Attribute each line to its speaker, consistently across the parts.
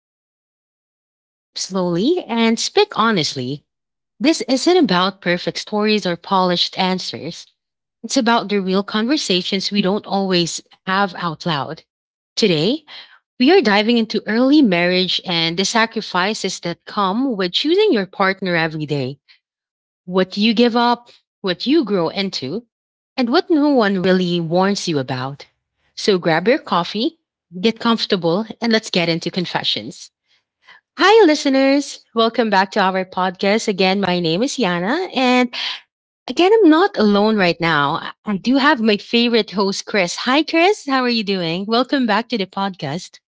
Speaker 1: the space where we sip slowly and speak honestly. This isn't about perfect stories or polished answers. It's about the real conversations we don't always have out loud. Today, we are diving into early marriage and the sacrifices that come with choosing your partner every day, what you give up, what you grow into, and what no one really warns you about. So grab your coffee, get comfortable, and let's get into confessions. Hi, listeners. Welcome back to our podcast. Again, my name is Yana. And again, I'm not alone right now. I do have my favorite host, Chris. Hi, Chris. How are you doing? Welcome back to the podcast.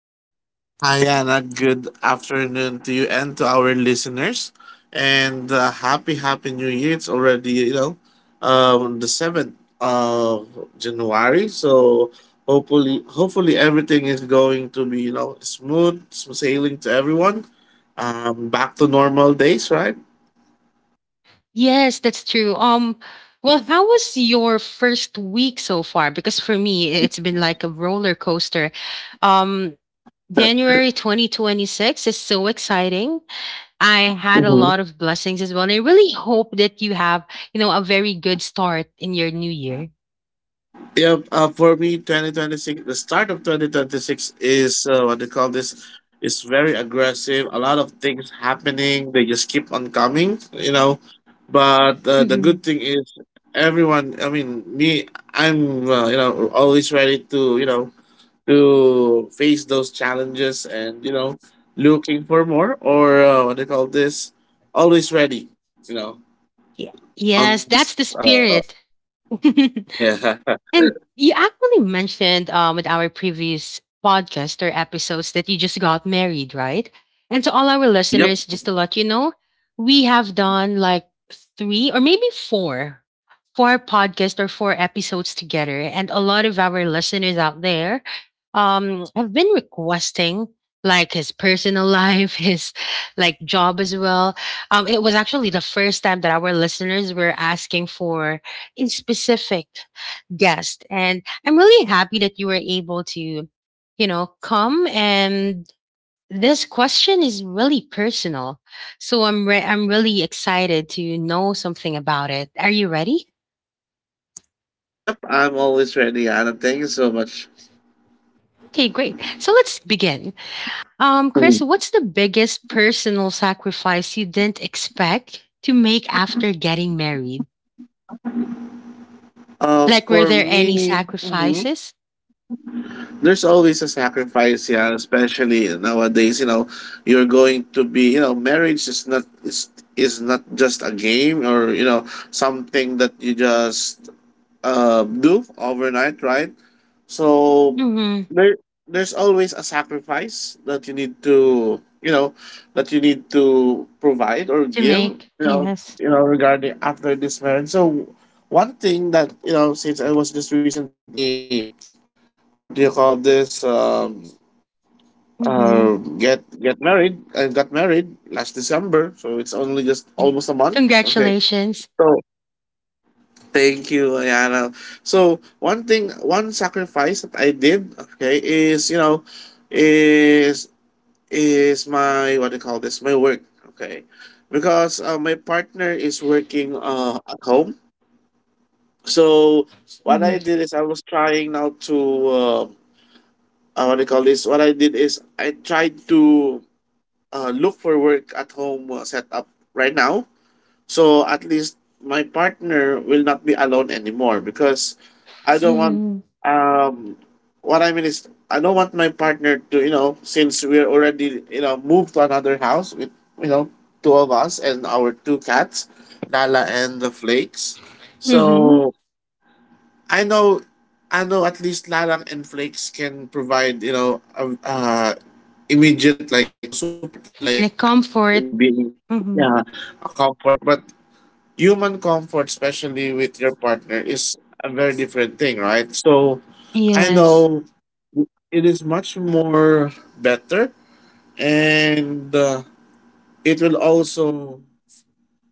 Speaker 2: Hi, Anna. Good afternoon to you and to our listeners. And happy new year. It's already the 7th of January. So hopefully everything is going to be, you know, smooth sailing to everyone. Back to normal days, right?
Speaker 1: Yes, that's true. Well, how was your first week so far? Because for me, it's been like a roller coaster. Um, January 2026 is so exciting. I had a lot of blessings as well. And I really hope that you have, you know, a very good start in your new year.
Speaker 2: Yep. For me, 2026, the start of 2026 is what they call this, is very aggressive. A lot of things happening. They just keep on coming, you know. But the
Speaker 1: Mm-hmm.
Speaker 2: good thing is, everyone, I mean, me, you know, always ready to, you know, to face those challenges and, you know, looking for more or what they call this, always ready, you know,
Speaker 1: Yeah.
Speaker 2: on
Speaker 1: Yes,
Speaker 2: those,
Speaker 1: that's the
Speaker 2: uh,
Speaker 1: spirit.
Speaker 2: Yeah.
Speaker 1: And you actually mentioned with our previous podcast or episodes that you just got married, right? And to all our
Speaker 2: Yep.
Speaker 1: listeners, just to let you know, we have done like three or maybe four, four podcasts or four episodes together. And a lot of our listeners out there have been requesting like his personal life, his like job as well. It was actually the first time that our listeners were asking for in specific guest. And I'm really happy that you were able to, you know, come. And this question is really personal. So I'm really excited to know something about it. Are you ready?
Speaker 2: Yep, I'm always ready, Anna. Thank you so much.
Speaker 1: Okay, great. So let's begin. Chris,
Speaker 2: Mhm.
Speaker 1: what's the biggest personal sacrifice you didn't expect to make after getting married?
Speaker 2: Uh,
Speaker 1: Like, were
Speaker 2: for
Speaker 1: there any
Speaker 2: me, mhm,
Speaker 1: sacrifices
Speaker 2: there's always a sacrifice, yeah, especially nowadays. You know, you're going to be, you know, marriage is not is is not just a game or you know something that you just do overnight, right? So
Speaker 1: mhm,
Speaker 2: there there's always a sacrifice that you need to you know that you need to provide or
Speaker 1: to
Speaker 2: give
Speaker 1: make?
Speaker 2: you know
Speaker 1: Yes.
Speaker 2: you know regarding after this marriage. So one thing that you know since I was just recently what do you call this
Speaker 1: Hmm.
Speaker 2: get married. I got married last December, so it's only just
Speaker 1: Yeah.
Speaker 2: almost a month, okay,
Speaker 1: Congratulations.
Speaker 2: so. Thank you, Ayana. So one thing, one sacrifice that I did, okay, is you know, is is my what do you call this? My work, okay, because my partner is working at home. So what I did is I was trying now to uh, what do you call this? What I did is I tried to look for work at home setup right now. So at least my partner will not be alone anymore because I don't want
Speaker 1: Mhm.
Speaker 2: um what I mean is I don't want my partner to, you know, since we're already, you know, moved to another house with, you know, two of us and our two cats, Lala and the Flakes.
Speaker 1: Mhm.
Speaker 2: So I know I know at least Lala and Flakes can provide, you know, immediate like, you know, support
Speaker 1: It's
Speaker 2: like
Speaker 1: like
Speaker 2: you
Speaker 1: comfort.
Speaker 2: know being,
Speaker 1: Mhm.
Speaker 2: yeah, a comfort. But human comfort, especially with your partner, is a very different thing, right? So I
Speaker 1: Yes.
Speaker 2: know it is much more better, and it will also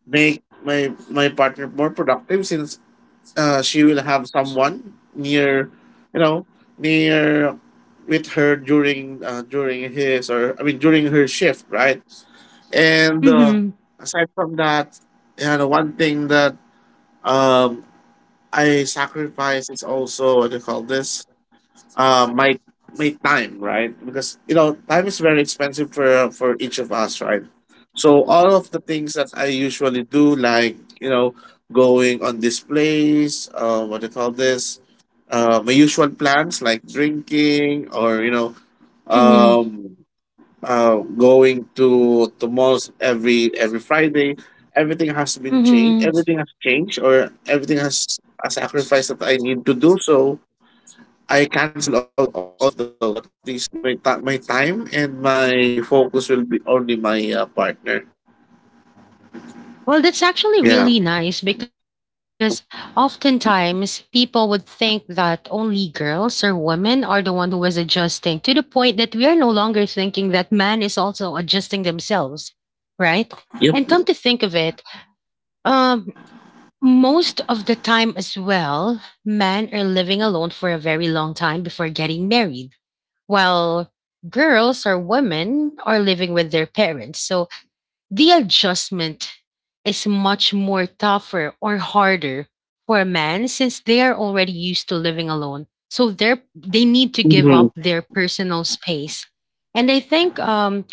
Speaker 2: make my partner more productive since she will have someone near, you know, near with her during during his or I mean during her shift, right? And uh,
Speaker 1: Mhm.
Speaker 2: aside from that, you know, one thing that um I sacrifice is also what do you call this? Uh, my my time, right? Because you know, time is very expensive for each of us, right? So all of the things that I usually do, like you know, going on this place, what do you call this? My usual plans like drinking or you know,
Speaker 1: Mhm.
Speaker 2: um, going to malls every Friday. Everything has been changed.
Speaker 1: Mhm.
Speaker 2: Everything has changed, or everything has a sacrifice that I need to do. So I cancel all of those. So at least my time and my focus will be only my partner.
Speaker 1: Well, that's actually
Speaker 2: Yeah.
Speaker 1: really nice because oftentimes people would think that only girls or women are the one who is adjusting to the point that we are no longer thinking that man is also adjusting themselves, right?
Speaker 2: Yep.
Speaker 1: And come to think of it, um, most of the time as well, men are living alone for a very long time before getting married while girls or women are living with their parents. So the adjustment is much more tougher or harder for a man since they are already used to living alone. So they need to give up
Speaker 2: Mm-hmm.
Speaker 1: their personal space. And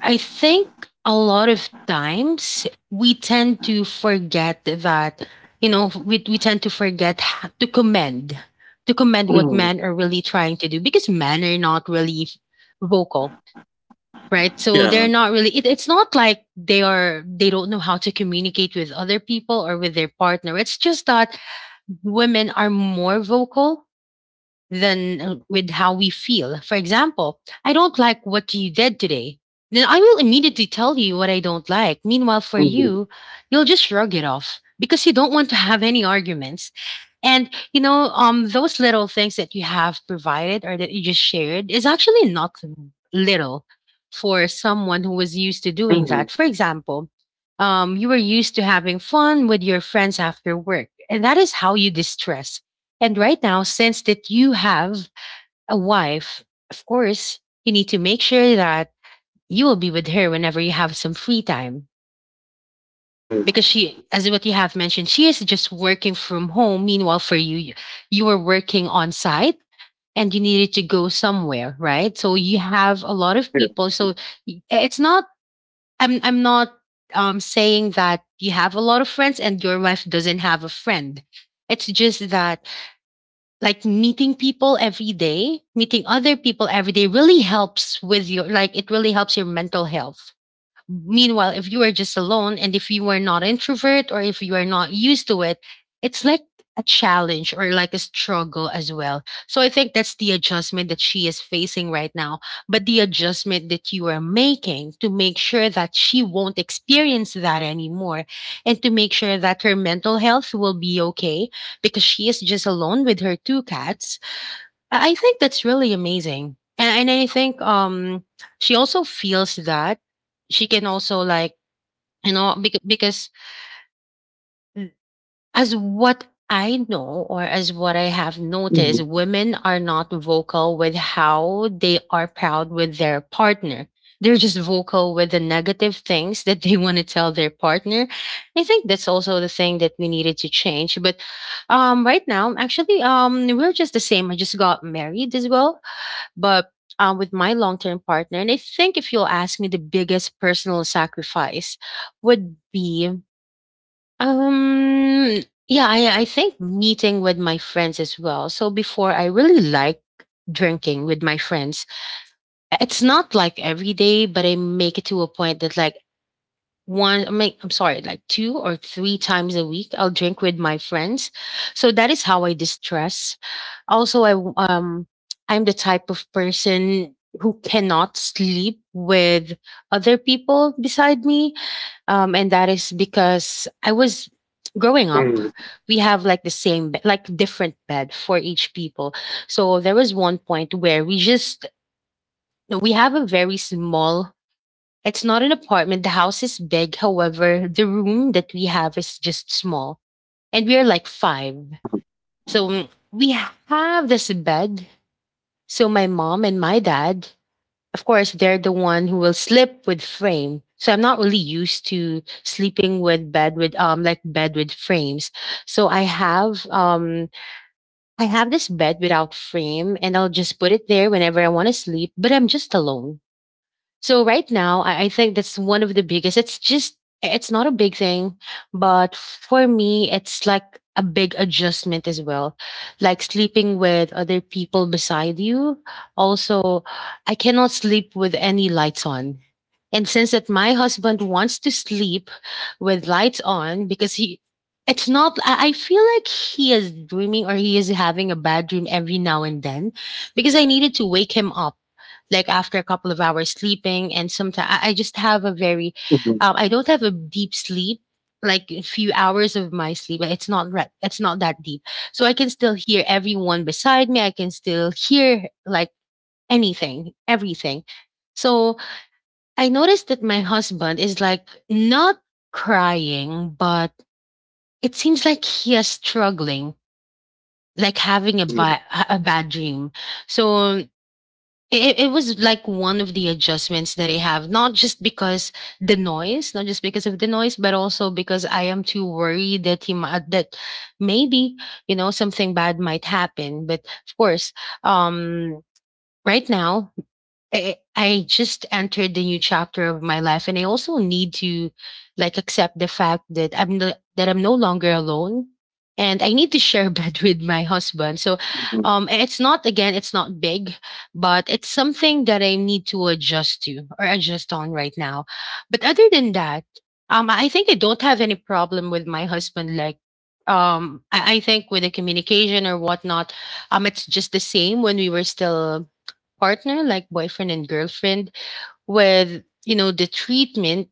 Speaker 1: I think a lot of times we tend to forget that, you know, we tend to to commend what men
Speaker 2: Hmm.
Speaker 1: are really trying to do because men are not really vocal, right? So they're
Speaker 2: Yeah.
Speaker 1: not really, it's not like they are, they don't know how to communicate with other people or with their partner. It's just that women are more vocal than with how we feel. For example, I don't like what you did today. Then I will immediately tell you what I don't like. Meanwhile, for you,
Speaker 2: Mm-hmm.
Speaker 1: you'll just shrug it off because you don't want to have any arguments. And you know, those little things that you have provided or that you just shared is actually not little for someone who was used to doing that. For
Speaker 2: Mm-hmm.
Speaker 1: example, you were used to having fun with your friends after work, and that is how you distress. And right now, since that you have a wife, of course, you need to make sure that you will be with her whenever you have some free time because
Speaker 2: Mm-hmm.
Speaker 1: she, as what you have mentioned, she is just working from home. Meanwhile, for you, you were working on site and you needed to go somewhere, right? So you have a lot of
Speaker 2: Yeah.
Speaker 1: people. So y- it's not, I'm not saying that you have a lot of friends and your wife doesn't have a friend. It's just that, like, meeting people every day, meeting other people every day really helps with your, like, it really helps your mental health. Meanwhile, if you are just alone and if you are not introvert or if you are not used to it, it's like a challenge or like a struggle as well. So I think that's the adjustment that she is facing right now. But the adjustment that you are making to make sure that she won't experience that anymore and to make sure that her mental health will be okay because she is just alone with her two cats, I think that's really amazing. And I think she also feels that she can also, like, you know, because as what I know or as what I have noticed,
Speaker 2: Mm-hmm.
Speaker 1: women are not vocal with how they are proud with their partner. They're just vocal with the negative things that they want to tell their partner. I think that's also the thing that we needed to change. But right now, actually, we're just the same. I just got married as well, but with my long-term partner. And I think if you'll ask me, the biggest personal sacrifice would be um yeah, I think meeting with my friends as well. So before, I really like drinking with my friends. It's not like every day, but I make it to a point that, like, one I mean, I'm sorry like two or three times a week I'll drink with my friends. So that is how I distress. Also, I'm the type of person who cannot sleep with other people beside me, and that is because I was growing up.
Speaker 2: Mm-hmm.
Speaker 1: We have like the same, like different bed for each people. So there was one point where we have a very small. It's not an apartment. The house is big. However, the room that we have is just small, and we are like five.
Speaker 2: Uh-huh.
Speaker 1: So mm, we have this bed. So my mom and my dad, of course, they're the one who will sleep with frame. So I'm not really used to sleeping with bed with like bed with frames. So I have this bed without frame and I'll just put it there whenever I want to sleep, but I'm just alone. So right now, I think that's one of the biggest. It's just, it's not a big thing, but for me, it's like a big adjustment as well. Like sleeping with other people beside you. Also, I cannot sleep with any lights on. And since that my husband wants to sleep with lights on because he it's not, I feel like he is dreaming or he is having a bad dream every now and then because I needed to wake him up like after a couple of hours sleeping. And sometimes I just have a very
Speaker 2: Mm-hmm.
Speaker 1: I don't have a deep sleep. Like, a few hours of my sleep, it's not that deep. So I can still hear everyone beside me. I can still hear like anything, everything. So I noticed that my husband is like not crying, but it seems like he is struggling, like having
Speaker 2: Mm-hmm.
Speaker 1: a bad dream. So it was like one of the adjustments that I have, not just because the noise, not just because of the noise, but also because I am too worried that he might, that maybe, you know, something bad might happen. But of course, um, right now, I just entered the new chapter of my life and I also need to like accept the fact that I'm no longer alone and I need to share a bed with my husband. So
Speaker 2: Mm-hmm.
Speaker 1: it's not, again, it's not big, but it's something that I need to adjust to or adjust on right now. But other than that, I think I don't have any problem with my husband. Like, I think with the communication or whatnot, it's just the same when we were still partner, like boyfriend and girlfriend, with, you know, the treatment.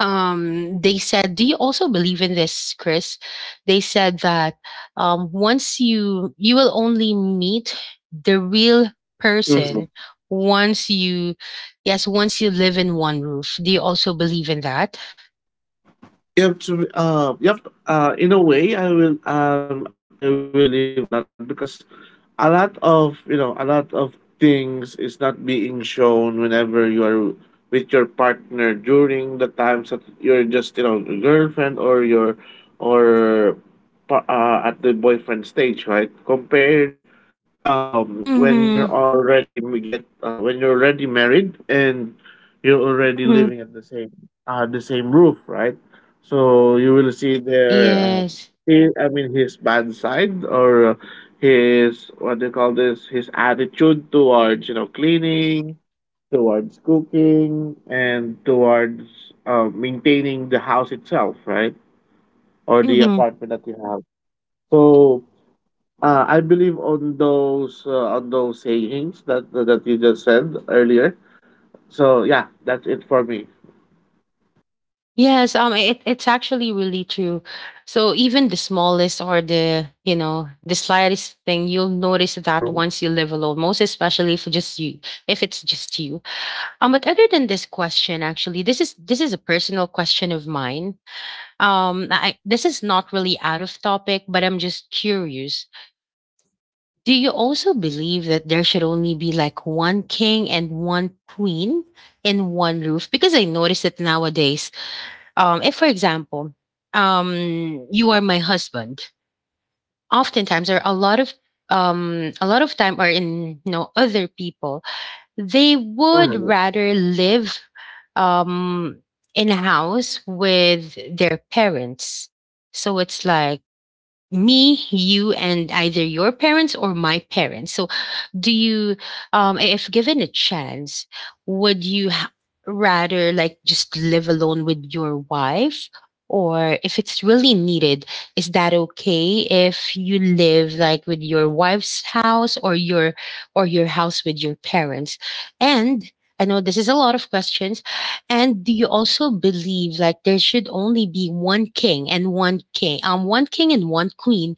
Speaker 1: They said, do you also believe in this, Chris? They said that once you will only meet the real
Speaker 2: Mm-hmm.
Speaker 1: person once you, yes, once you live in one roof. Do you also believe in that?
Speaker 2: Yep. In a way, I will believe on that because a lot of you know a lot of things is not being shown whenever you are with your partner during the times that you're just you know a girlfriend or or at the boyfriend stage, right? Compared
Speaker 1: Mm-hmm.
Speaker 2: when you're already m- get when you're already married and you're
Speaker 1: Mm-hmm.
Speaker 2: already living at the same roof, right? So you will see
Speaker 1: Yes.
Speaker 2: I mean his bad side or his what do you call this, his attitude towards you know cleaning, towards cooking, and towards maintaining the house itself, right? Or the
Speaker 1: Mm-hmm.
Speaker 2: apartment that you have. So I believe on those sayings that that you just said earlier. So yeah, that's it for me.
Speaker 1: Yes. It's actually really true. So even the smallest or the, you know, the slightest thing, you'll notice that
Speaker 2: Mhm.
Speaker 1: once you live alone. Most especially if just you, if it's just you. But other than this question, actually, this is a personal question of mine. I, this is not really out of topic, but I'm just curious. Do you also believe that there should only be like one king and one queen in one roof? Because I noticed that nowadays, if for example, um, you are my husband, oftentimes or a lot of a lot of time or in other people they would
Speaker 2: Mhm.
Speaker 1: rather live um, in a house with their parents. So it's like me, you, and either your parents or my parents. So, do you, if given a chance, would you rather like just live alone with your wife? Or if it's really needed, is that okay if you live like with your wife's house or your house with your parents? And I know this is a lot of questions, and do you also believe like there should only be one king and one king and one queen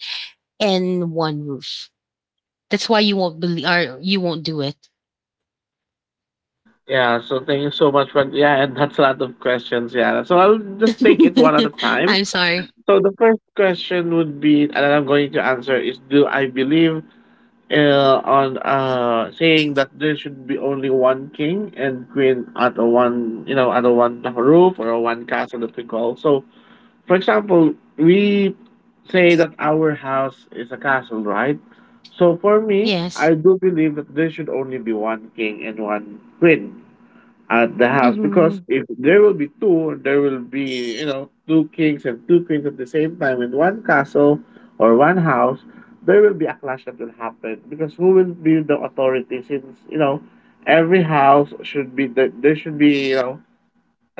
Speaker 1: and one roof? That's why you won't believe or you won't do it.
Speaker 2: Yeah, so thank you so much for yeah, and that's a lot of questions, yeah. So I'll just take it one at a time.
Speaker 1: I'm sorry.
Speaker 2: So the first question would be, and I'm going to answer is, do I believe on saying that there should be only one king and queen at a one, you know, at a one roof or a one castle that we call. So for example, we say that our house is a castle, right? So for me,
Speaker 1: Yes.
Speaker 2: I do believe that there should only be one king and one queen at the house because
Speaker 1: Mm-hmm.
Speaker 2: if there will be two, there will be, you know, two kings and two queens at the same time in one castle or one house, there will be a clash that will happen because who will be the authority since, you know, every house should be there should be, you know,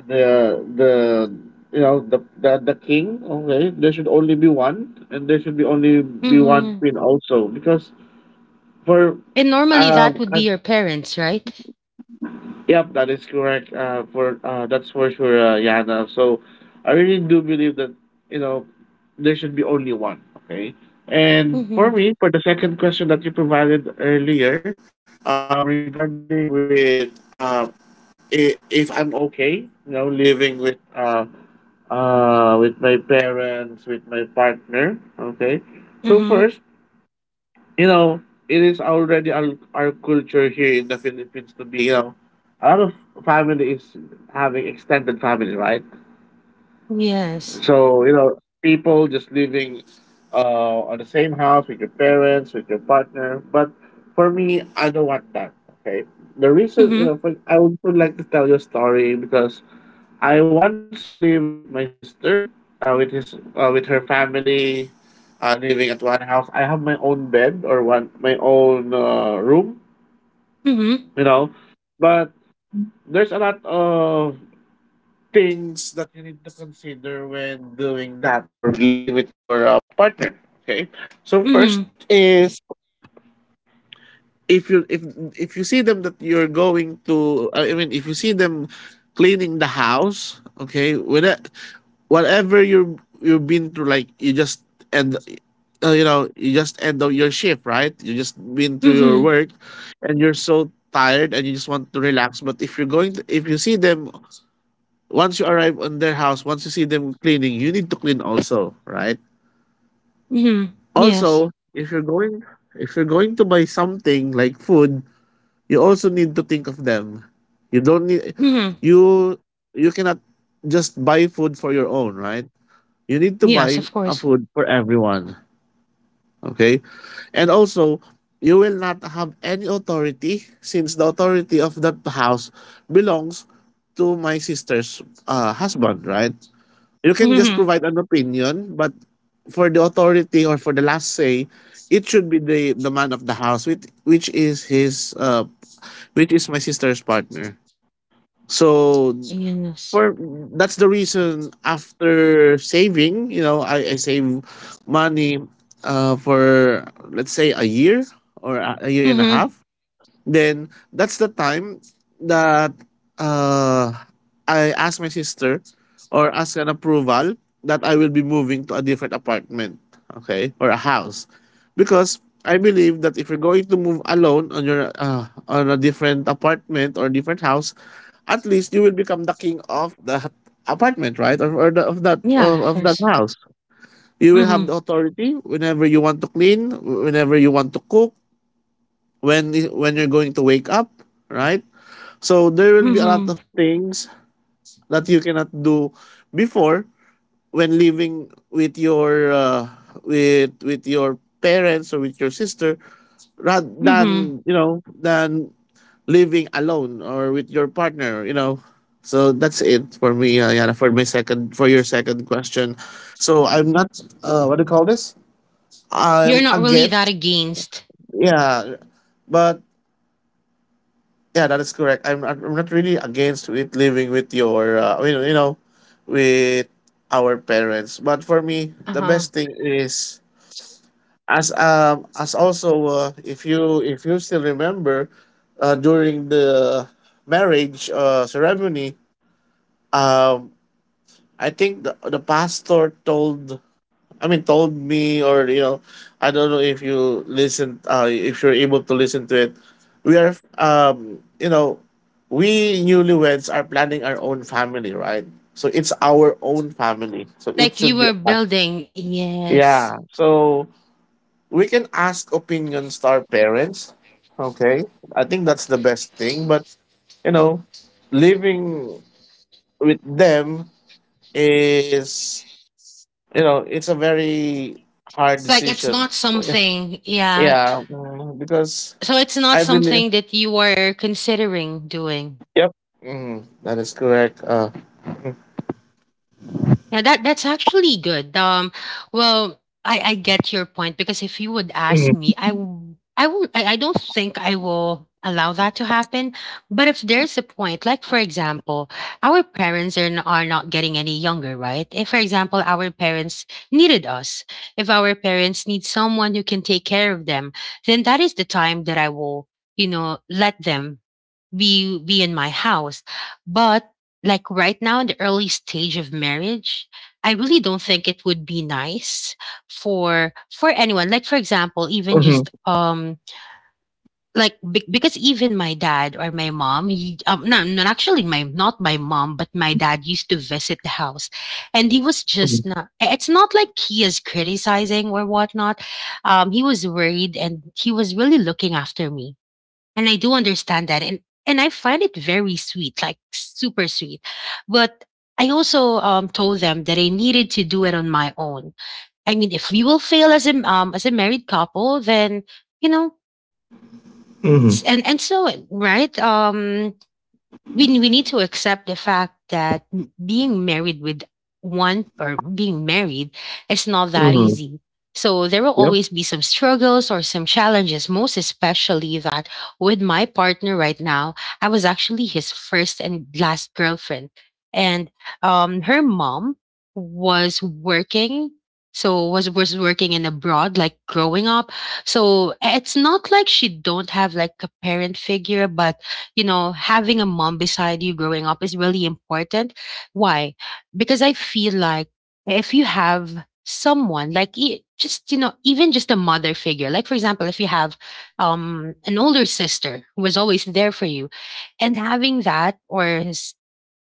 Speaker 2: the you know the king, okay, there should only be one and there should be only be one
Speaker 1: Mm-hmm.
Speaker 2: queen also because for
Speaker 1: And normally
Speaker 2: um
Speaker 1: that would
Speaker 2: I,
Speaker 1: be your parents, right?
Speaker 2: yep that is correct for that's for sure, Yana. So I really do believe that you know there should be only one, okay. And for
Speaker 1: Mm-hmm.
Speaker 2: me, for the second question that you provided earlier, regarding with if I'm okay you know living with my parents, with my partner. Okay. So
Speaker 1: Mm-hmm.
Speaker 2: first, you know, it is already our culture here in the Philippines to be, you know, a lot of family is having extended family, right?
Speaker 1: Yes.
Speaker 2: So, you know, people just living uh, on the same house with your parents, with your partner. But for me, I don't want that. Okay. The reason, you know,
Speaker 1: Mm-hmm.
Speaker 2: for, I would like to tell you a story because I once lived with my sister, with her family, living at one house. I have my own bed or one my own room,
Speaker 1: Mm-hmm.
Speaker 2: you know. But there's a lot of things that you need to consider when doing that or living with your partner. Okay, so first
Speaker 1: Mm-hmm.
Speaker 2: is if you if if you see them that you're going to I mean if you see them cleaning the house, okay, whatever you you've been through, like you just end, you know, you just end of your shift, right? You just been through your
Speaker 1: Mm-hmm.
Speaker 2: work, and you're so tired, and you just want to relax. But if you see them once you arrive on their house, once you see them cleaning, you need to clean also, right?
Speaker 1: Mm-hmm. Yes.
Speaker 2: Also, if you're going to buy something like food, you also need to think of them. You don't need,
Speaker 1: Mm-hmm.
Speaker 2: you you cannot just buy food for your own, right, you need to
Speaker 1: Yes,
Speaker 2: buy
Speaker 1: of
Speaker 2: a
Speaker 1: course.
Speaker 2: food for everyone, okay. And also you will not have any authority since the authority of that house belongs to my sister's husband, right. You can just
Speaker 1: Mm-hmm.
Speaker 2: provide an opinion, but for the authority or for the last say, it should be the man of the house, which is his which is my sister's partner. So
Speaker 1: Yes.
Speaker 2: for that's the reason after saving, you know, I save money for let's say a year or a year and a
Speaker 1: Mm-hmm.
Speaker 2: half. Then that's the time that uh, I asked my sister or ask an approval that I will be moving to a different apartment, okay, or a house, because I believe that if you're going to move alone on your on a different apartment or different house, at least you will become the king of that apartment, right, or, of that
Speaker 1: Yeah, of
Speaker 2: of that
Speaker 1: course.
Speaker 2: house. You will have
Speaker 1: Mm-hmm.
Speaker 2: the authority whenever you want to clean, whenever you want to cook, when you're going to wake up, right? So there will be a lot
Speaker 1: Mm-hmm.
Speaker 2: of things that you cannot do before when living with your with your parents or with your sister rather
Speaker 1: Mm-hmm.
Speaker 2: than you know than living alone or with your partner, you know. So that's it for me, Yana, for my second for your second question. So I'm not what do you call this,
Speaker 1: You're
Speaker 2: I'm
Speaker 1: not really that
Speaker 2: against,
Speaker 1: against.
Speaker 2: yeah, but yeah, that is correct. I'm not really against it, living with your with our parents, but for me the
Speaker 1: Uh-huh.
Speaker 2: best thing is, as also, if you still remember, during the marriage ceremony, um I think the pastor told— I mean, told me, or, I don't know if you listen, if you're able to listen to it. We are, um, you know, we newlyweds are planning our own family, right? So it's our own family. So it
Speaker 1: Like you
Speaker 2: should be
Speaker 1: were
Speaker 2: us.
Speaker 1: building. Yes.
Speaker 2: Yeah. So we can ask opinions to our parents. Okay, I think that's the best thing. But, you know, living with them is you know it's a very hard
Speaker 1: It's like it's
Speaker 2: decision.
Speaker 1: not something. Yeah.
Speaker 2: Yeah, because
Speaker 1: So it's not
Speaker 2: I believe.
Speaker 1: something that you are considering doing.
Speaker 2: Yep, that is correct.
Speaker 1: Yeah, that that's actually good. Well, I get your point because if you would ask
Speaker 2: Mm,
Speaker 1: me, I will I don't think I will allow that to happen. But if there's a point, like for example, our parents are not getting any younger, right? If for example our parents needed us, if our parents need someone who can take care of them, then that is the time that I will let them be in my house, but like right now, in the early stage of marriage, I really don't think it would be nice for anyone, like for example, even
Speaker 2: mhm.
Speaker 1: just like because even my dad or my mom, he, no, not actually my, not my mom but my dad, used to visit the house, and he was
Speaker 2: Mhm.
Speaker 1: just not, it's not like he is criticizing or whatnot. He was worried and he was really looking after me, and I do understand that. And I find it very sweet, like super sweet. But I also told them that I needed to do it on my own. I mean, if we will fail as a married couple, then you know,
Speaker 2: Mhm.
Speaker 1: and so right. We need to accept the fact that being married with one, or being married, is not that
Speaker 2: Mhm.
Speaker 1: easy. So there will
Speaker 2: Yep.
Speaker 1: always be some struggles or some challenges, most especially that with my partner right now, I was actually his first and last girlfriend. And her mom was working. So was working in abroad, like growing up. So it's not like she don't have like a parent figure, but you know, having a mom beside you growing up is really important. Why? Because I feel like if you have someone like just you know, even just a mother figure, like for example, if you have an older sister who was always there for you and having that, or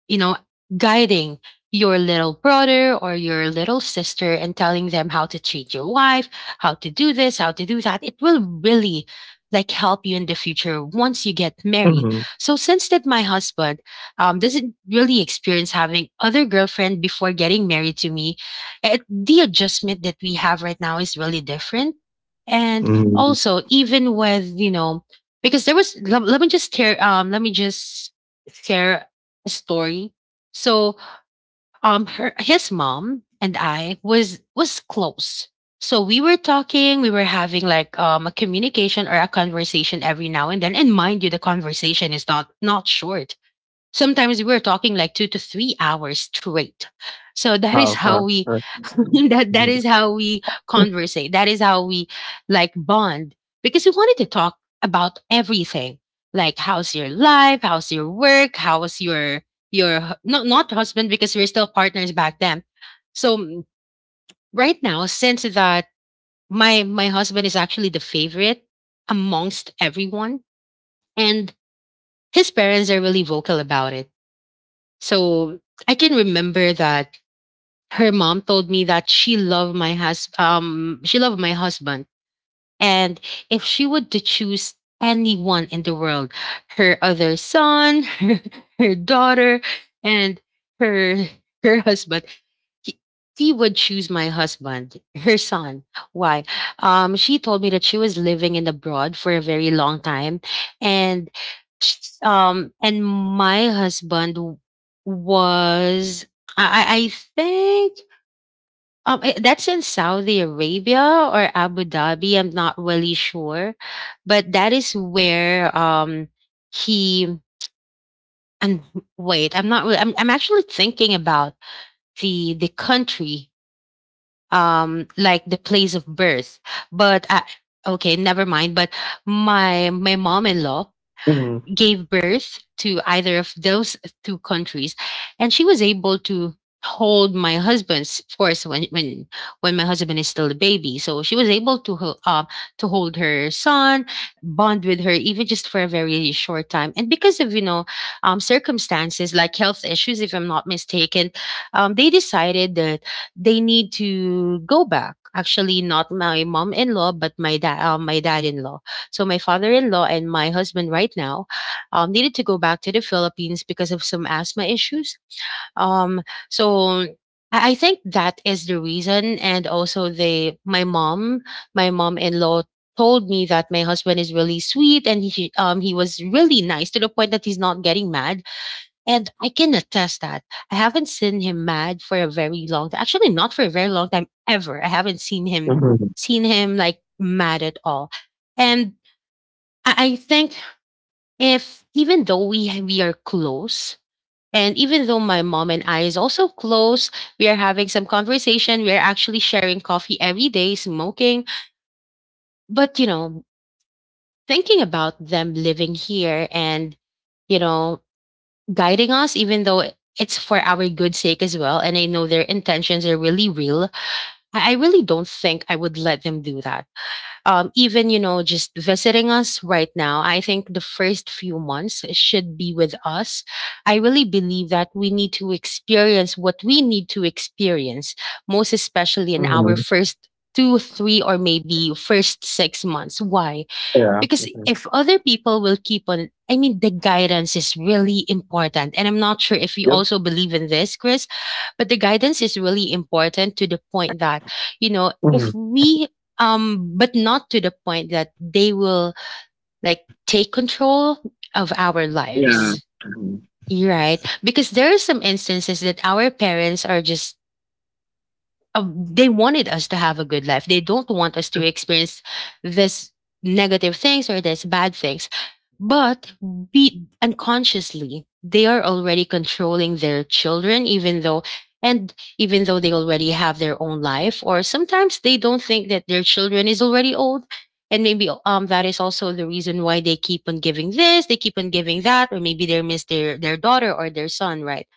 Speaker 1: you know, guiding your little brother or your little sister and telling them how to treat your wife, how to do this, how to do that, it will really like help you in the future once you get married.
Speaker 2: Mhm.
Speaker 1: So since that my husband doesn't really experience having other girlfriend before getting married to me, it, the adjustment that we have right now is really different. And
Speaker 2: Mhm.
Speaker 1: also, even with you know, because there was let me just tear let me just share story. So her his mom and I was close. So we were talking, we were having like a communication or a conversation every now and then. And mind you, the conversation is not not short. Sometimes we were talking like 2 to 3 hours straight. So that is
Speaker 2: Wow.
Speaker 1: how we
Speaker 2: Uh,
Speaker 1: that that
Speaker 2: mhm.
Speaker 1: is how we conversate. That is how we like bond because we wanted to talk about everything. Like how's your life? How's your work? How's your not not husband because we're still partners back then. So right now, since that my husband is actually the favorite amongst everyone, and his parents are really vocal about it, so I can remember that her mom told me that she loved my she loved my husband, and if she would to choose anyone in the world, her other son, her, her daughter, and her her husband, he- she would choose my husband, her son. Why? She told me that she was living in abroad for a very long time, and sh- and my husband w- was, I think, that's in Saudi Arabia or Abu Dhabi. I'm not really sure, but that is where he and wait, I'm not. I'm actually thinking about the country, like the place of birth, but okay, never mind, but my mom-in-law
Speaker 2: Mhm.
Speaker 1: gave birth to either of those two countries, and she was able to hold my husband's, of course, when when my husband is still a baby, so she was able to to hold her son, bond with her even just for a very short time, and because of you know, circumstances like health issues, if I'm not mistaken, they decided that they need to go back, actually not my mom-in-law but my dad, my dad-in-law, so my father-in-law and my husband right now needed to go back to the Philippines because of some asthma issues. Um, so I think that is the reason. And also, my mom, my mom-in-law told me that my husband is really sweet and he was really nice to the point that he's not getting mad. And I can attest that I haven't seen him mad for a very long time. Actually, not for a very long time ever. I haven't
Speaker 2: Mhm.
Speaker 1: seen him like mad at all. And I think, if even though we are close, and even though my mom and I is also close, we are having some conversation, we are actually sharing coffee every day, smoking, but you know, thinking about them living here and you know, guiding us, even though it's for our good sake as well, and I know their intentions are really real, I really don't think I would let them do that. Even you know, just visiting us right now, I think the first few months should be with us. I really believe that we need to experience what we need to experience, most especially in our
Speaker 2: Mhm.
Speaker 1: first two three or maybe first 6 months. Why?
Speaker 2: Yeah.
Speaker 1: Because
Speaker 2: Mhm.
Speaker 1: if other people will keep on, I mean, the guidance is really important, and I'm not sure if you
Speaker 2: Yep.
Speaker 1: also believe in this, Chris, but the guidance is really important, to the point that you know
Speaker 2: Mhm.
Speaker 1: if we but not to the point that they will like take control of our
Speaker 2: Yeah.
Speaker 1: lives.
Speaker 2: Mhm.
Speaker 1: You're right, because there are some instances that our parents are just they wanted us to have a good life. They don't want us to experience this negative things or this bad things. But be unconsciously, they are already controlling their children, even though, and even though they already have their own life, or sometimes they don't think that their children is already old. And maybe that is also the reason why they keep on giving this, they keep on giving that, or maybe they miss their daughter or their son, right?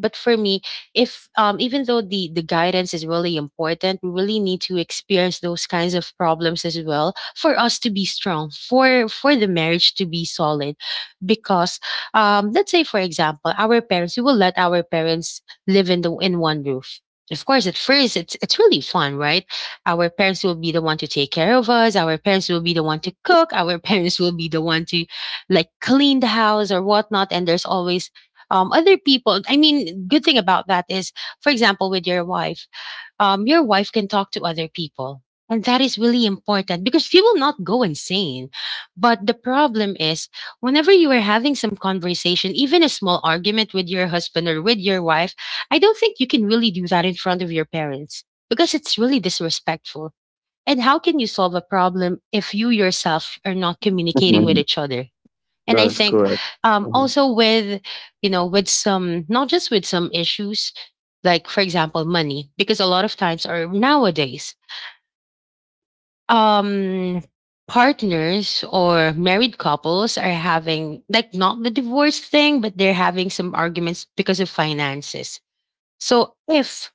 Speaker 1: But for me, if even though the guidance is really important, we really need to experience those kinds of problems as well for us to be strong, for the marriage to be solid. Because let's say for example, our parents, we will let our parents live in the in one roof. Of course at first it's really fun, right? Our parents will be the one to take care of us, our parents will be the one to cook, our parents will be the one to like clean the house or whatnot, and there's always other people. I mean, good thing about that is, for example, with your wife can talk to other people. And that is really important because she will not go insane. But the problem is, whenever you are having some conversation, even a small argument with your husband or with your wife, I don't think you can really do that in front of your parents, because it's really disrespectful. And how can you solve a problem if you yourself are not communicating with
Speaker 2: Mhm.
Speaker 1: each other? and
Speaker 2: That
Speaker 1: i
Speaker 2: is
Speaker 1: think
Speaker 2: correct. Mhm.
Speaker 1: also with some, not just with some issues, like for example money, because a lot of times or nowadays, um partners or married couples are having, like, not the divorce thing, but they're having some arguments because of finances. So if,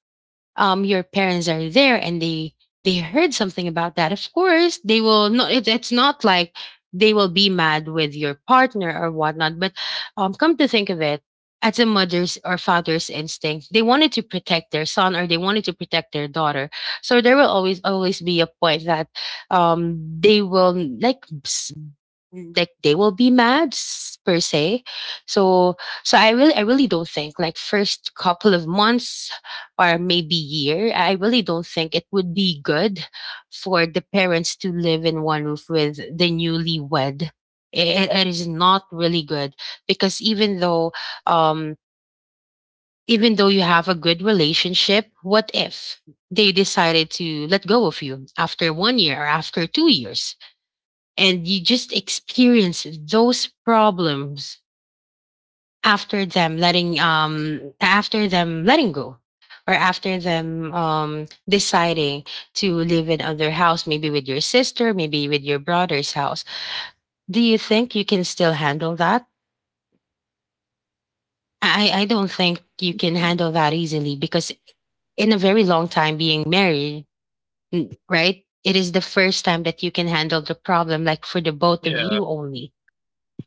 Speaker 1: your parents are there and they heard something about that, of course they will not, it's not like they will be mad with your partner or whatnot. But come to think of it, as a mother's or father's instinct, they wanted to protect their son, or they wanted to protect their daughter. So there will always always be a point that, they will, like, they will be mad, per se. So so i really i really don't think, like, first couple of months or maybe year, I really don't think it would be good for the parents to live in one roof with the newlywed. It is not really good, because even though, um you have a good relationship, what if they decided to let go of you after one year or after 2 years, and you just experience those problems after them letting, go, or after them deciding to live in other house, maybe with your sister, maybe with your brother's house. Do you think you can still handle that? I don't think you can handle that easily, because in a very long time being married, right, it is the first time that you can handle the problem, like for the both of
Speaker 2: Yeah,
Speaker 1: you only.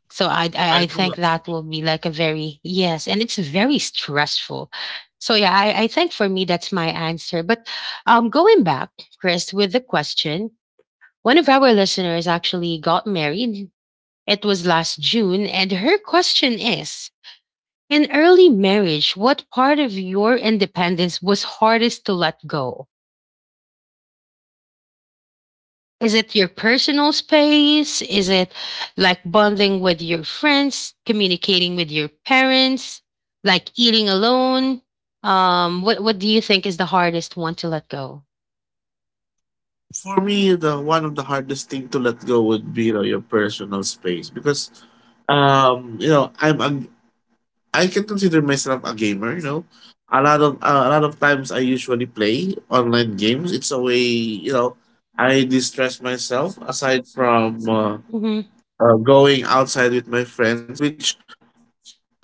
Speaker 1: So I, I
Speaker 2: I
Speaker 1: I
Speaker 2: do that.
Speaker 1: think that will be like a very, yes, and it's very stressful. So yeah, I think for me that's my answer. But going back, Chris, with the question, one of our listeners actually got married. It was last June, and her question is, in early marriage, what part of your independence was hardest to let go? Is it your personal space? Is it, like, bonding with your friends, communicating with your parents, like eating alone? What do you think is the hardest one to let go?
Speaker 2: For me, the one of the hardest thing to let go would be, your personal space, because um you know I'm a I can consider myself a gamer. A lot of times I usually play online games. It's a way, you know, I distress myself aside from
Speaker 1: Mm-hmm.
Speaker 2: going outside with my friends, which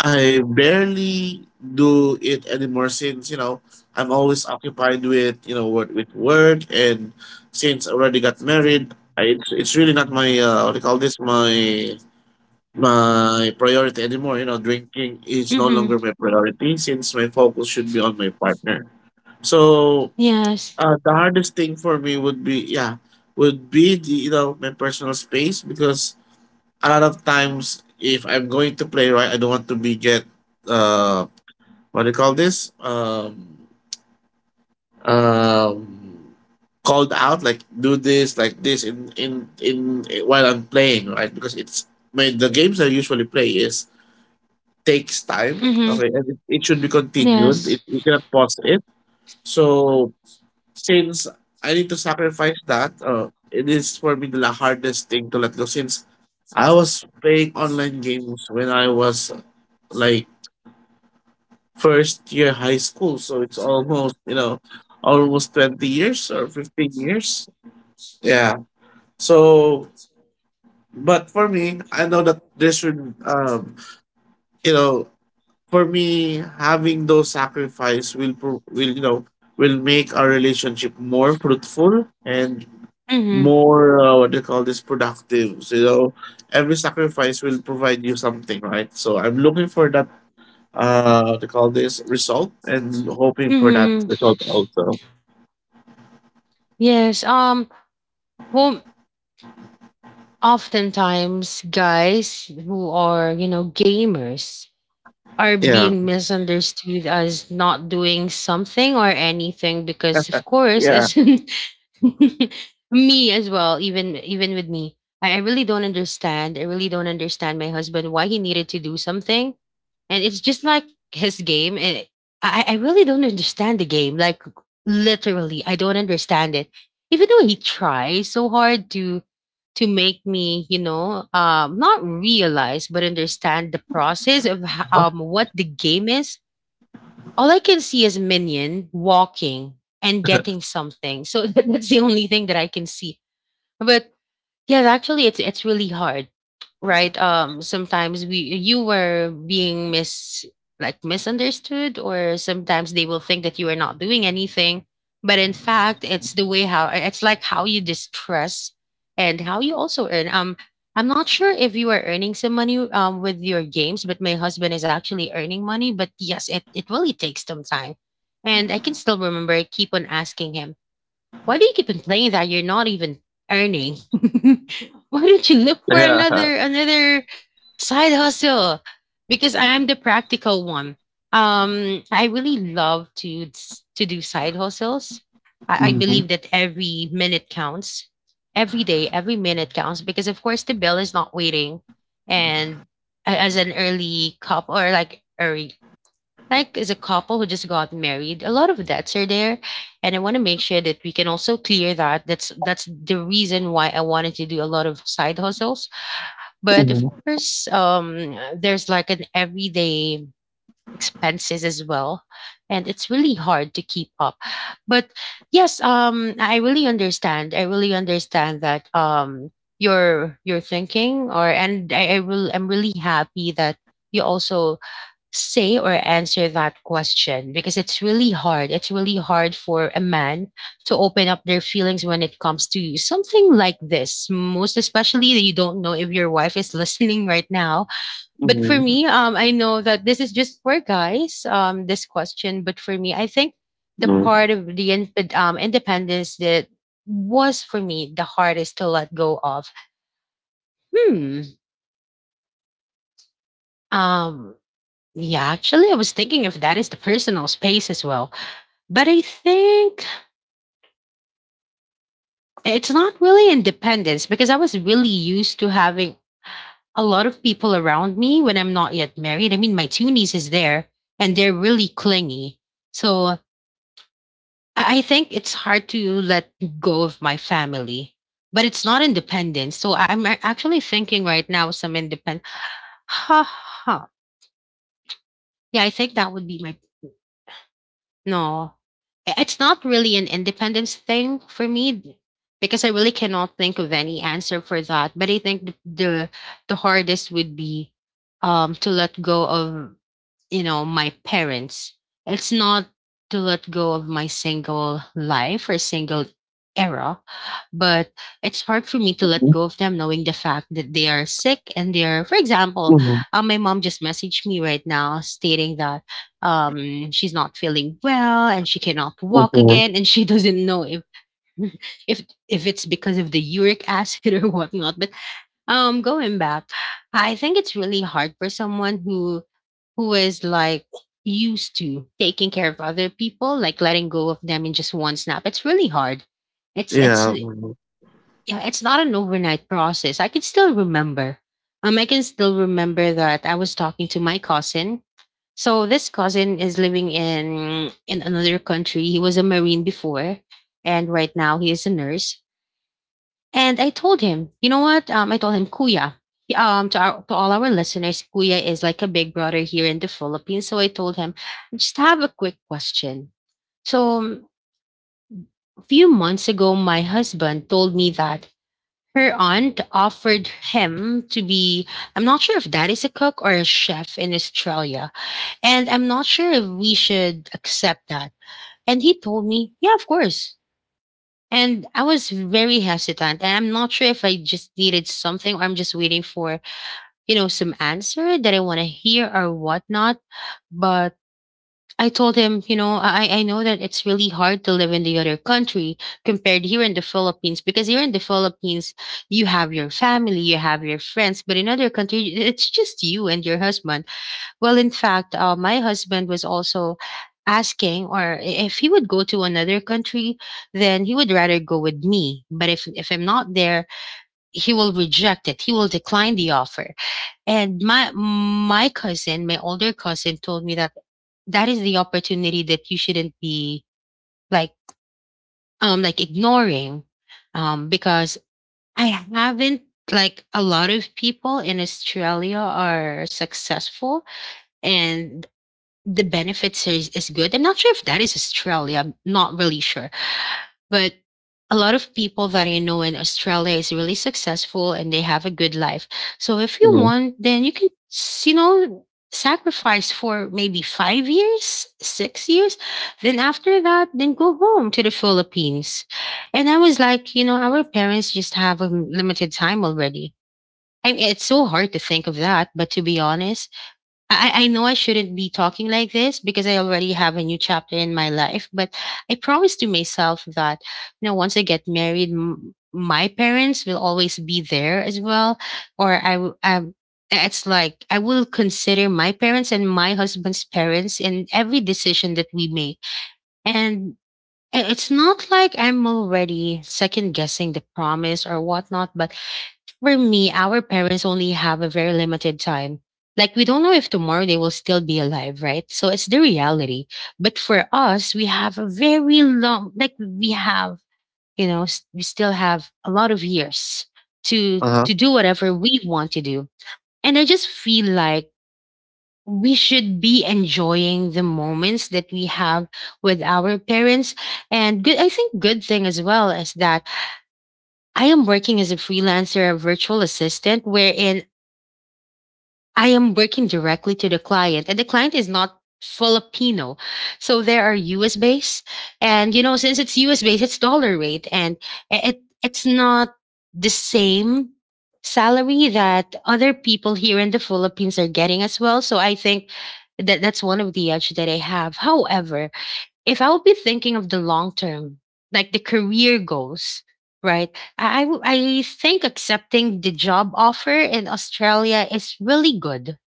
Speaker 2: I barely do it anymore since, I'm always occupied with, with work, and since I already got married, it's really not my, what do you call this, my priority anymore. Drinking is no
Speaker 1: Mm-hmm.
Speaker 2: longer my priority since my focus should be on my partner. So,
Speaker 1: Yes.
Speaker 2: the hardest thing for me would be— yeah— would be the you know, my personal space, because a lot of times if I'm going to play, right, I don't want to be get— uh what do you call this, um called out, like, do this like this, in while I'm playing, right, because it's my— the games I usually play is— takes time.
Speaker 1: Mm-hmm.
Speaker 2: Okay, and it should be continued.
Speaker 1: Yes.
Speaker 2: You cannot pause it. So since I need to sacrifice that, it is for me the hardest thing to let go. Since I was playing online games when I was, like, first year high school, so it's almost, almost 20 years or 15 years. Yeah. So, but for me, I know that there should— you know for me, having those sacrifice will will make our relationship more fruitful and
Speaker 1: Mm-hmm.
Speaker 2: more, what do you call this, productive. So, every sacrifice will provide you something, right? So I'm looking for that— what do you call this— result, and hoping for that
Speaker 1: Mm-hmm.
Speaker 2: result also.
Speaker 1: Yes. Well, oftentimes guys who are, you know, gamers, are
Speaker 2: Yeah,
Speaker 1: being misunderstood as not doing something or anything, because of course,
Speaker 2: yeah,
Speaker 1: as me as well, even with me, I really don't understand, my husband, why he needed to do something. And it's just like his game. And I really don't understand the game, like, literally I don't understand it, even though he tries so hard to make me, not realize but understand the process of, what the game is. All I can see is minion walking and getting something, so that's the only thing that I can see. But yeah, actually, it's really hard, right? Sometimes, we you were being mis, like, misunderstood, or sometimes they will think that you are not doing anything, but in fact, it's the way how, it's like how you distress and how you also earn. I'm not sure if you are earning some money with your games, but my husband is actually earning money. But yes, it really takes some time, and I can still remember. I keep on asking him, why do you keep complaining that you're not even earning? Why don't you look for
Speaker 2: yeah.
Speaker 1: another side hustle? Because I am the practical one. I really love to do side hustles. I
Speaker 2: Mm-hmm.
Speaker 1: believe that every minute counts. Every day, every minute counts, because of course the bill is not waiting. And as an early cop, or like early, like, as a couple who just got married, a lot of debts are there, and I want to make sure that we can also clear that. That's the reason why I wanted to do a lot of side hustles. But of
Speaker 2: Mm-hmm.
Speaker 1: course, there's like an everyday expenses as well, and it's really hard to keep up. But yes, I really understand that, your thinking, or and I will I'm really happy that you also say or answer that question, because it's really hard. It's really hard for a man to open up their feelings when it comes to something like this. Most especially that you don't know if your wife is listening right now. But
Speaker 2: Mm-hmm.
Speaker 1: for me, I know that this is just for guys, this question. But for me, I think the part of the, independence, that was for me the hardest to let go of. Hmm. Um, yeah, actually, I was thinking if that is the personal space as well. But I think it's not really independence, because I was really used to having a lot of people around me when I'm not yet married. I mean, my two nieces there, and they're really clingy. So I think it's hard to let go of my family, but it's not independence. So I'm actually thinking right now some independent. Ha ha. Yeah, I think that would be my. No, it's not really an independence thing for me, because I really cannot think of any answer for that. But I think the hardest would be to let go of, my parents. It's not to let go of my single life or single era, but it's hard for me to let go of them, knowing the fact that they are sick, and they are, for example,
Speaker 2: Mm-hmm.
Speaker 1: my mom just messaged me right now stating that she's not feeling well, and she cannot walk
Speaker 2: Mm-hmm.
Speaker 1: again, and she doesn't know if if it's because of the uric acid or whatnot. But going back, I think it's really hard for someone who is, like, used to taking care of other people, like letting go of them in just one snap. It's really hard. It's
Speaker 2: Yeah. Mm-hmm.
Speaker 1: Yeah, it's not an overnight process. I can still remember. I can still remember that I was talking to my cousin. So this cousin is living in another country. He was a marine before, and right now he is a nurse. And I told him, you know what? I told him, Kuya. To our to all our listeners, Kuya is like a big brother here in the Philippines. So I told him, "I just have a quick question. So a few months ago, my husband told me that her aunt offered him to be, I'm not sure if that is a cook or a chef in Australia. And I'm not sure if we should accept that. And he told me, yeah, of course. And I was very hesitant. And I'm not sure if I just needed something, or I'm just waiting for, some answer that I want to hear or whatnot. But I told him, you know, I know that it's really hard to live in the other country compared here in the Philippines, because here in the Philippines, you have your family, you have your friends, but in other country, it's just you and your husband. Well, in fact, my husband was also asking if he would go to another country, then he would rather go with me. But if I'm not there, he will reject it. He will decline the offer, and my cousin, my older cousin, told me that that is the opportunity that you shouldn't be, like, like ignoring, because I haven't, like, a lot of people in Australia are successful, and the benefits is good. I'm not sure if that is Australia. I'm not really sure, but a lot of people that I know in Australia is really successful, and they have a good life. So if you
Speaker 2: Mm-hmm.
Speaker 1: want, then you can, sacrifice for maybe 5 years, 6 years. Then after that, then go home to the Philippines. And I was like, our parents just have a limited time already. I mean, it's so hard to think of that, but to be honest, I know I shouldn't be talking like this, because I already have a new chapter in my life. But I promised to myself that, once I get married, my parents will always be there as well. Or it's like I will consider my parents and my husband's parents in every decision that we make. And it's not like I'm already second guessing the promise or whatnot. But for me, our parents only have a very limited time. Like, we don't know if tomorrow they will still be alive, right? So it's the reality. But for us, we have a very long, like, we have, we still have a lot of years to,
Speaker 2: Uh-huh.
Speaker 1: to do whatever we want to do. And I just feel like we should be enjoying the moments that we have with our parents. And good, I think good thing as well is that I am working as a freelancer, a virtual assistant, wherein I am working directly to the client, and the client is not Filipino. So there are US based. And, you know, since it's US based, it's dollar rate and it's not the same salary that other people here in the Philippines are getting as well. So I think that that's one of the edge that I have. However, if I would be thinking of the long term, like the career goals, right? I think accepting the job offer in Australia is really good,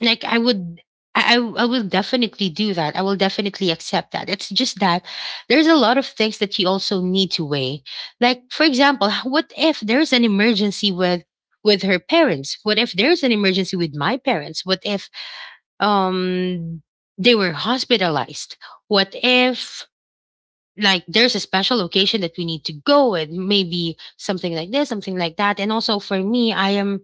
Speaker 1: like I would. I will definitely do that. I will definitely accept that. It's just that there's a lot of things that you also need to weigh. Like, for example, what if there's an emergency with her parents? What if there's an emergency with my parents? What if um they were hospitalized? What if like there's a special occasion that we need to go with? Maybe something like this, something like that. And also for me, I am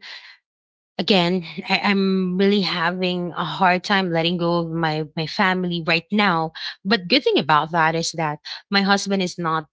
Speaker 1: again. I'm really having a hard time letting go of my family right now, but good thing about that is that my husband is not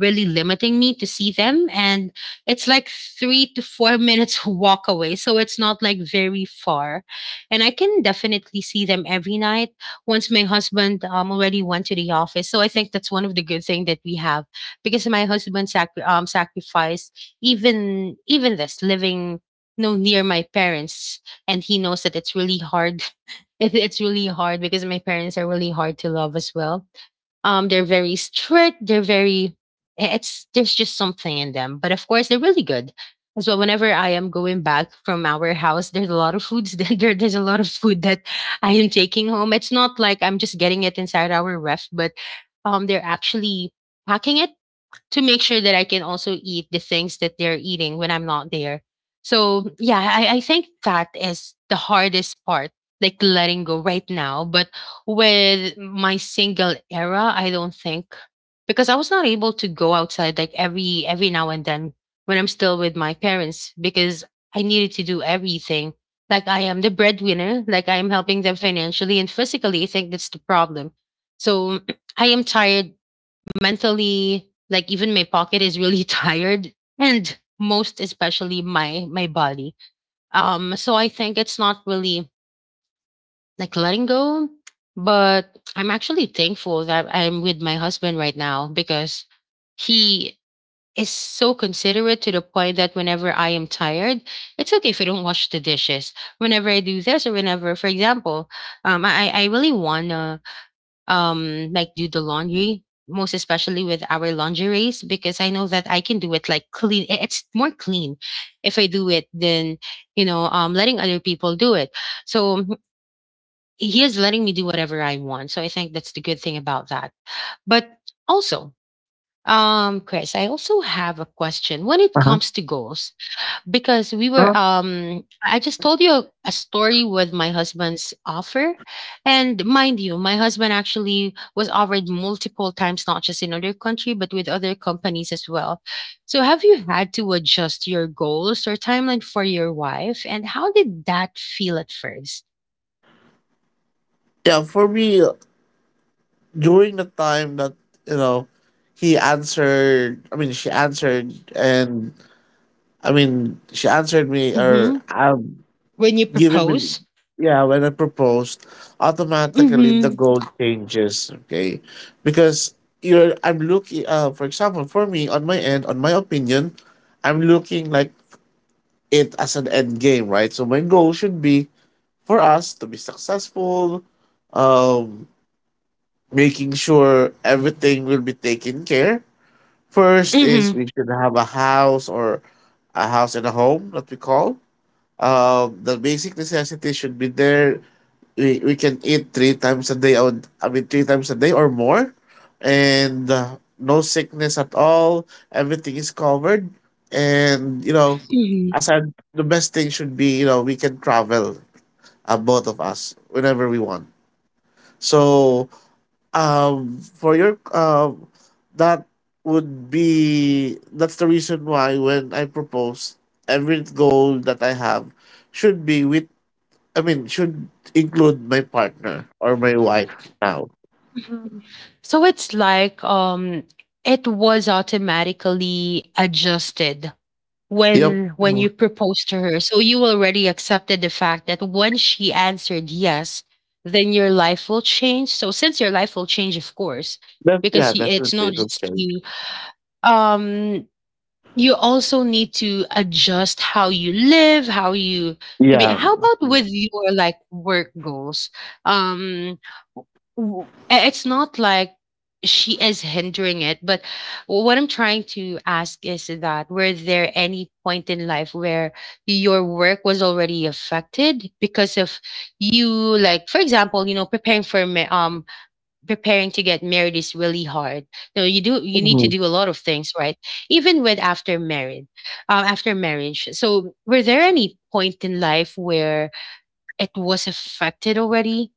Speaker 1: really limiting me to see them, and it's like 3 to 4 minutes walk away, so it's not like very far, and I can definitely see them every night once my husband already went to the office. So I think that's one of the good thing that we have because my husband sacrificed even this living no near my parents. And he knows that it's really hard. It's really hard because my parents are really hard to love as well. They're very strict, they're very, it's there's just something in them, but of course they're really good as well. Whenever I am going back from our house, there's a lot of foods there's a lot of food that I am taking home. It's not like I'm just getting it inside our ref, but they're actually packing it to make sure that I can also eat the things that they're eating when I'm not there. So yeah, I think that is the hardest part, like letting go right now. But with my single era, I don't think because I was not able to go outside like every now and then when I'm still with my parents because I needed to do everything. Like I am the breadwinner, like I am helping them financially and physically. I think that's the problem. So I am tired mentally, like even my pocket is really tired, and most especially my body. So I think it's not really like letting go, but I'm actually thankful that I'm with my husband right now because he is so considerate to the point that whenever I am tired, it's okay if I don't wash the dishes, whenever I do this, or whenever for example I really wanna like do the laundry, most especially with our lingeries, because I know that I can do it like clean. It's more clean if I do it than, you know, letting other people do it. So he is letting me do whatever I want. So I think that's the good thing about that. But also, Chris, I also have a question when it
Speaker 2: Uh-huh.
Speaker 1: comes to goals because we were
Speaker 2: Uh-huh.
Speaker 1: I just told you a story with my husband's offer. And mind you, my husband actually was offered multiple times, not just in other country, but with other companies as well. So have you had to adjust your goals or timeline for your wife, and how did that feel at first?
Speaker 2: Yeah, for me, during the time that, you know he answered I mean she answered, and— I mean, she answered me, or—
Speaker 1: Mm-hmm. When you
Speaker 2: given me—
Speaker 1: propose.
Speaker 2: yeah, when I proposed, automatically the
Speaker 1: Mm-hmm.
Speaker 2: goal changes. Okay, because, you're I'm looking, for example, for me, on my end, on my opinion, I'm looking, like, it as an end game, right, so my goal should be for us to be successful, um making sure everything will be taken care. First is,
Speaker 1: Mm-hmm.
Speaker 2: we should have a house— or a house and a home that we call. The basic necessities should be there. We can eat three times a day. I mean, three times a day or more, and, no sickness at all. Everything is covered, and,
Speaker 1: Mm-hmm.
Speaker 2: aside, the best thing should be, we can travel, both of us whenever we want. So, for your that would be that's the reason why when I propose, every goal that I have should be with— I mean, should include my partner or my wife now.
Speaker 1: So it's like it was automatically adjusted
Speaker 2: Yep.
Speaker 1: when
Speaker 2: Mhm.
Speaker 1: you proposed to her. So you already accepted the fact that when she answered yes, then your life will change. So since your life will change, of course, because
Speaker 2: Yeah,
Speaker 1: it's
Speaker 2: definitely
Speaker 1: not
Speaker 2: it will
Speaker 1: just
Speaker 2: change.
Speaker 1: you, um you also need to adjust how you live, how you could be.
Speaker 2: Yeah.
Speaker 1: How about with your like work goals? um w- it's not like she is hindering it, but what I'm trying to ask is that were there any point in life where your work was already affected because of you? Like, for example, you know, preparing for preparing to get married is really hard. No, you do. You need to
Speaker 2: Mhm.
Speaker 1: do a lot of things, right? Even with after married, after marriage. So, were there any point in life where it was affected already?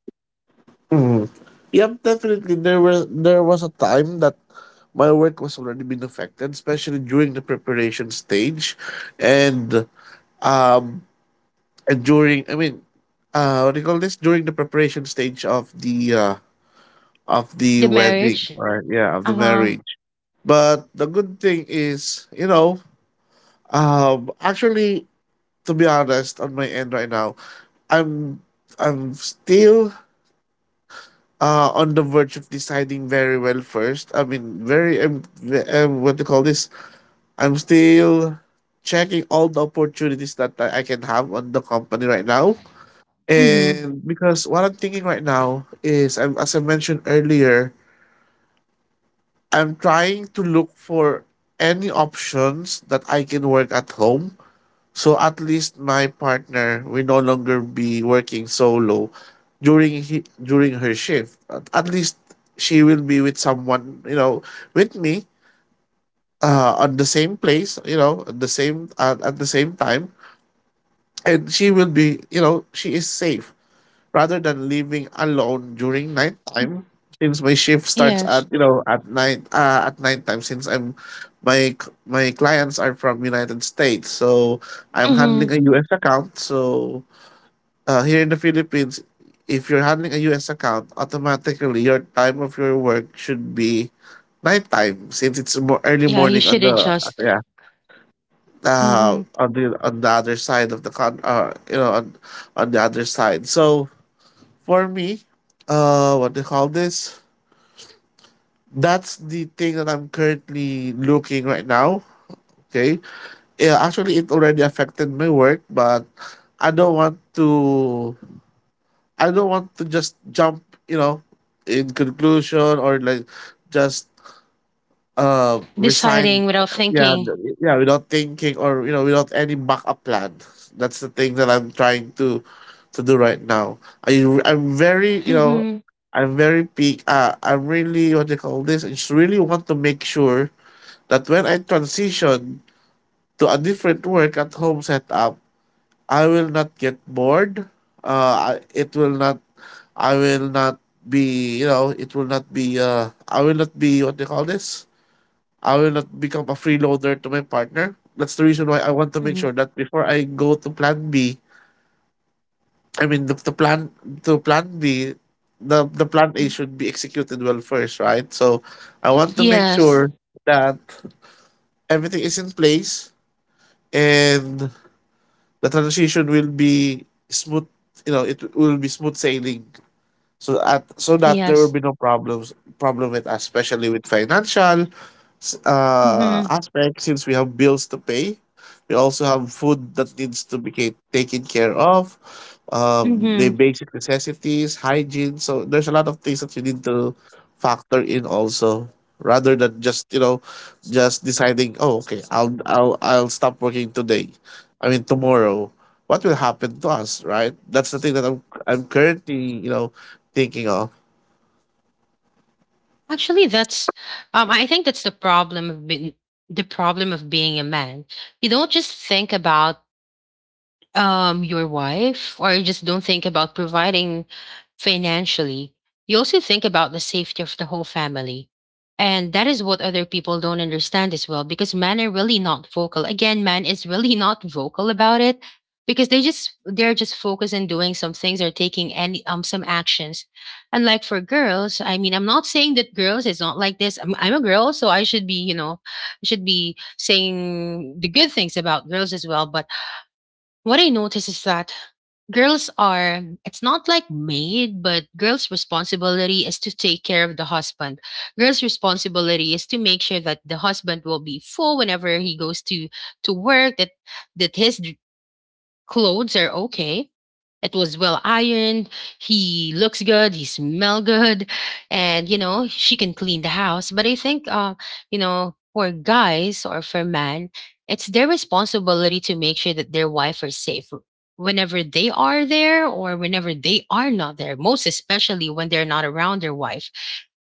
Speaker 2: Mhm. Yep, definitely. There was a time that my work was already being affected, especially during the preparation stage, and, um and during I mean, what do you call this? During the preparation stage of the,
Speaker 1: The
Speaker 2: wedding,
Speaker 1: marriage?
Speaker 2: or— yeah— of the
Speaker 1: Uh huh.
Speaker 2: marriage. But the good thing is, actually, to be honest, on my end right now, I'm I'm still, on the verge of deciding very well first. I mean, very, what do you call this? I'm still checking all the opportunities that I can have on the company right now.
Speaker 1: Hmm.
Speaker 2: And because what I'm thinking right now is, as I mentioned earlier, I'm trying to look for any options that I can work at home. So at least my partner will no longer be working solo during her shift. At least she will be with someone, you know, with me, on the same place, you know, at the same time, and she will be, she is safe, rather than living alone during nighttime, since my shift starts at,
Speaker 1: Yes.
Speaker 2: at night at nighttime, since my clients are from United States. So I'm handling
Speaker 1: Hmm.
Speaker 2: a US account. So, here in the Philippines, if you're handling a US account, automatically your time of your work should be nighttime, since it's more early
Speaker 1: Yeah, you
Speaker 2: morning on
Speaker 1: should
Speaker 2: the
Speaker 1: adjust.
Speaker 2: yeah,
Speaker 1: Hmm.
Speaker 2: on the other side of the— con on the other side, so— for me, what do you call this, that's the thing that I'm currently looking right now. Okay, yeah, actually it already affected my work, but I don't want to I don't want to just jump, you know, in conclusion, or like— just, resign.
Speaker 1: Deciding without
Speaker 2: Yeah,
Speaker 1: thinking.
Speaker 2: yeah, without thinking, or, without any backup plan. That's the thing that I'm trying to do right now. I'm very,
Speaker 1: Hmm.
Speaker 2: I'm very peak. I'm really what they call this. I just really want to make sure that when I transition to a different work at home setup, I will not get bored. It will not. I will not be. You know, it will not be. I will not be what they call this. I will not become a freeloader to my partner. That's the reason why I want to make
Speaker 1: Hmm.
Speaker 2: sure that before I go to plan B— I mean, the plan to plan B— the plan A should be executed well first, right? So I want to make
Speaker 1: Yes.
Speaker 2: sure that everything is in place and the transition will be smooth, it will be smooth sailing. So at so that there will
Speaker 1: Yes.
Speaker 2: be no problem with us, especially with financial,
Speaker 1: Hmm.
Speaker 2: aspect, since we have bills to pay. We also have food that needs to be taken care of, the
Speaker 1: Hmm.
Speaker 2: basic necessities, hygiene. So there's a lot of things that you need to factor in also, rather than just, just deciding, "Oh, okay, I'll— stop working today. I mean tomorrow." What will happen to us, right? That's the thing that I'm currently, thinking of.
Speaker 1: Actually, that's I think that's the problem of being the problem of being a man. You don't just think about your wife, or you just don't think about providing financially. You also think about the safety of the whole family, and that is what other people don't understand as well, because men are really not vocal. Again, man is really not vocal about it because they just they're just focused on doing some things or taking any some actions. And like for girls, I mean, I'm not saying that girls is not like this. I'm a girl, so I should be, you know, I should be saying the good things about girls as well. But what I notice is that girls are, it's not like maid, but girls' responsibility is to take care of the husband. Girls' responsibility is to make sure that the husband will be full whenever he goes to work, that that his clothes are okay. It was well ironed. He looks good. He smell good, and you know she can clean the house. But I think, you know, for guys or for men, it's their responsibility to make sure that their wife are safe whenever they are there or whenever they are not there. Most especially when they're not around their wife.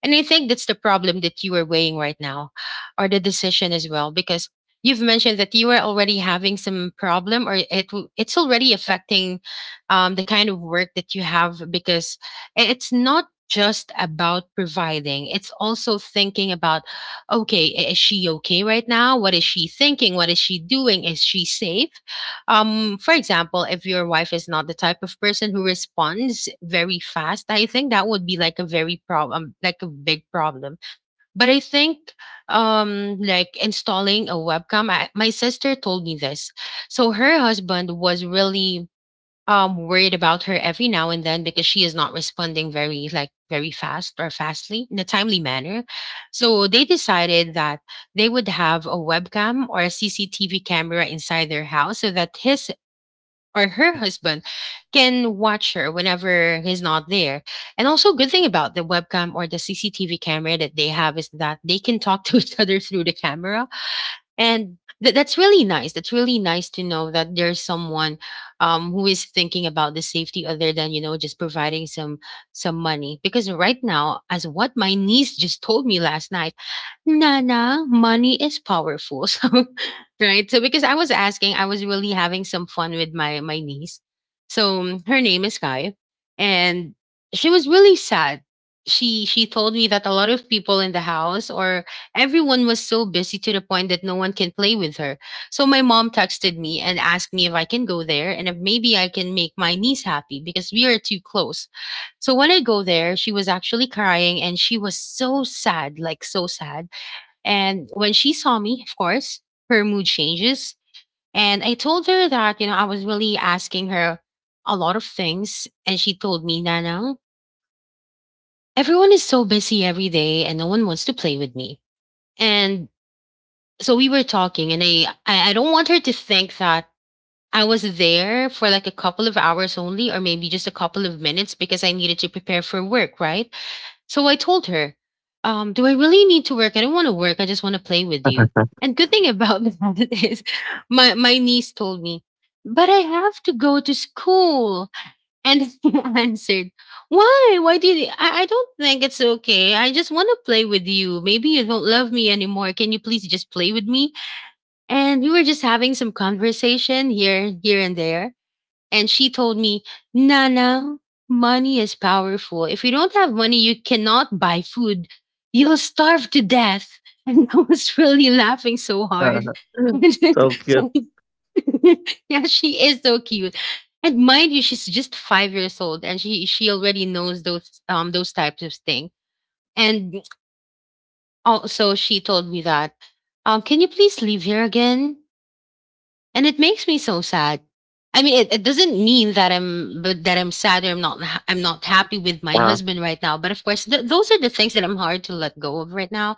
Speaker 1: And I think that's the problem that you are weighing right now, or the decision as well, because you've mentioned that you were already having some problem, or it's already affecting the kind of work that you have because it's not just about providing, it's also thinking about, okay, is she okay right now? What is she thinking? What is she doing? Is she safe? For example, if your wife is not the type of person who responds very fast, I think that would be like a very problem, like a big problem. But I think like installing a webcam. My sister told me this. So her husband was really worried about her every now and then because she is not responding very like very fast or fastly in a timely manner. So they decided that they would have a webcam or a CCTV camera inside their house so that his or her husband can watch her whenever he's not there. And also, good thing about the webcam or the CCTV camera that they have is that they can talk to each other through the camera. And that's really nice. That's really nice to know that there's someone who is thinking about the safety other than, you know, just providing some money. Because right now, as what my niece just told me last night, Nana, money is powerful. So, right? So because I was asking, I was really having some fun with my niece. So her name is Kai, and she was really sad. She told me that a lot of people in the house or everyone was so busy to the point that no one can play with her. So my mom texted me and asked me if I can go there and if maybe I can make my niece happy because we are too close. So when I go there, she was actually crying and she was so sad, like so sad, and when she saw me, of course, her mood changes. And I told her that, you know, I was really asking her a lot of things. And she told me, Nana, everyone is so busy every day and no one wants to play with me. And so we were talking, and I don't want her to think that I was there for like a couple of hours only, or maybe just a couple of minutes because I needed to prepare for work, right? So I told her, do I really need to work? I don't want to work. I just want to play with you. And good thing about that is my niece told me, but I have to go to school. And I answered, why? Why did you? I don't think it's okay. I just want to play with you. Maybe you don't love me anymore. Can you please just play with me? And we were just having some conversation here, here and there. And she told me, Nana, money is powerful. If you don't have money, you cannot buy food. You'll starve to death. And I was really laughing so hard. Yeah,
Speaker 2: So cute.
Speaker 1: she is so cute. And mind you, she's just 5 years old and she already knows those types of things. And also she told me that, can you please leave here again? And it makes me so sad. I mean, it doesn't mean that I'm but that I'm sad or I'm not ha- I'm not happy with my husband right now, but of course, those are the things that I'm hard to let go of right now,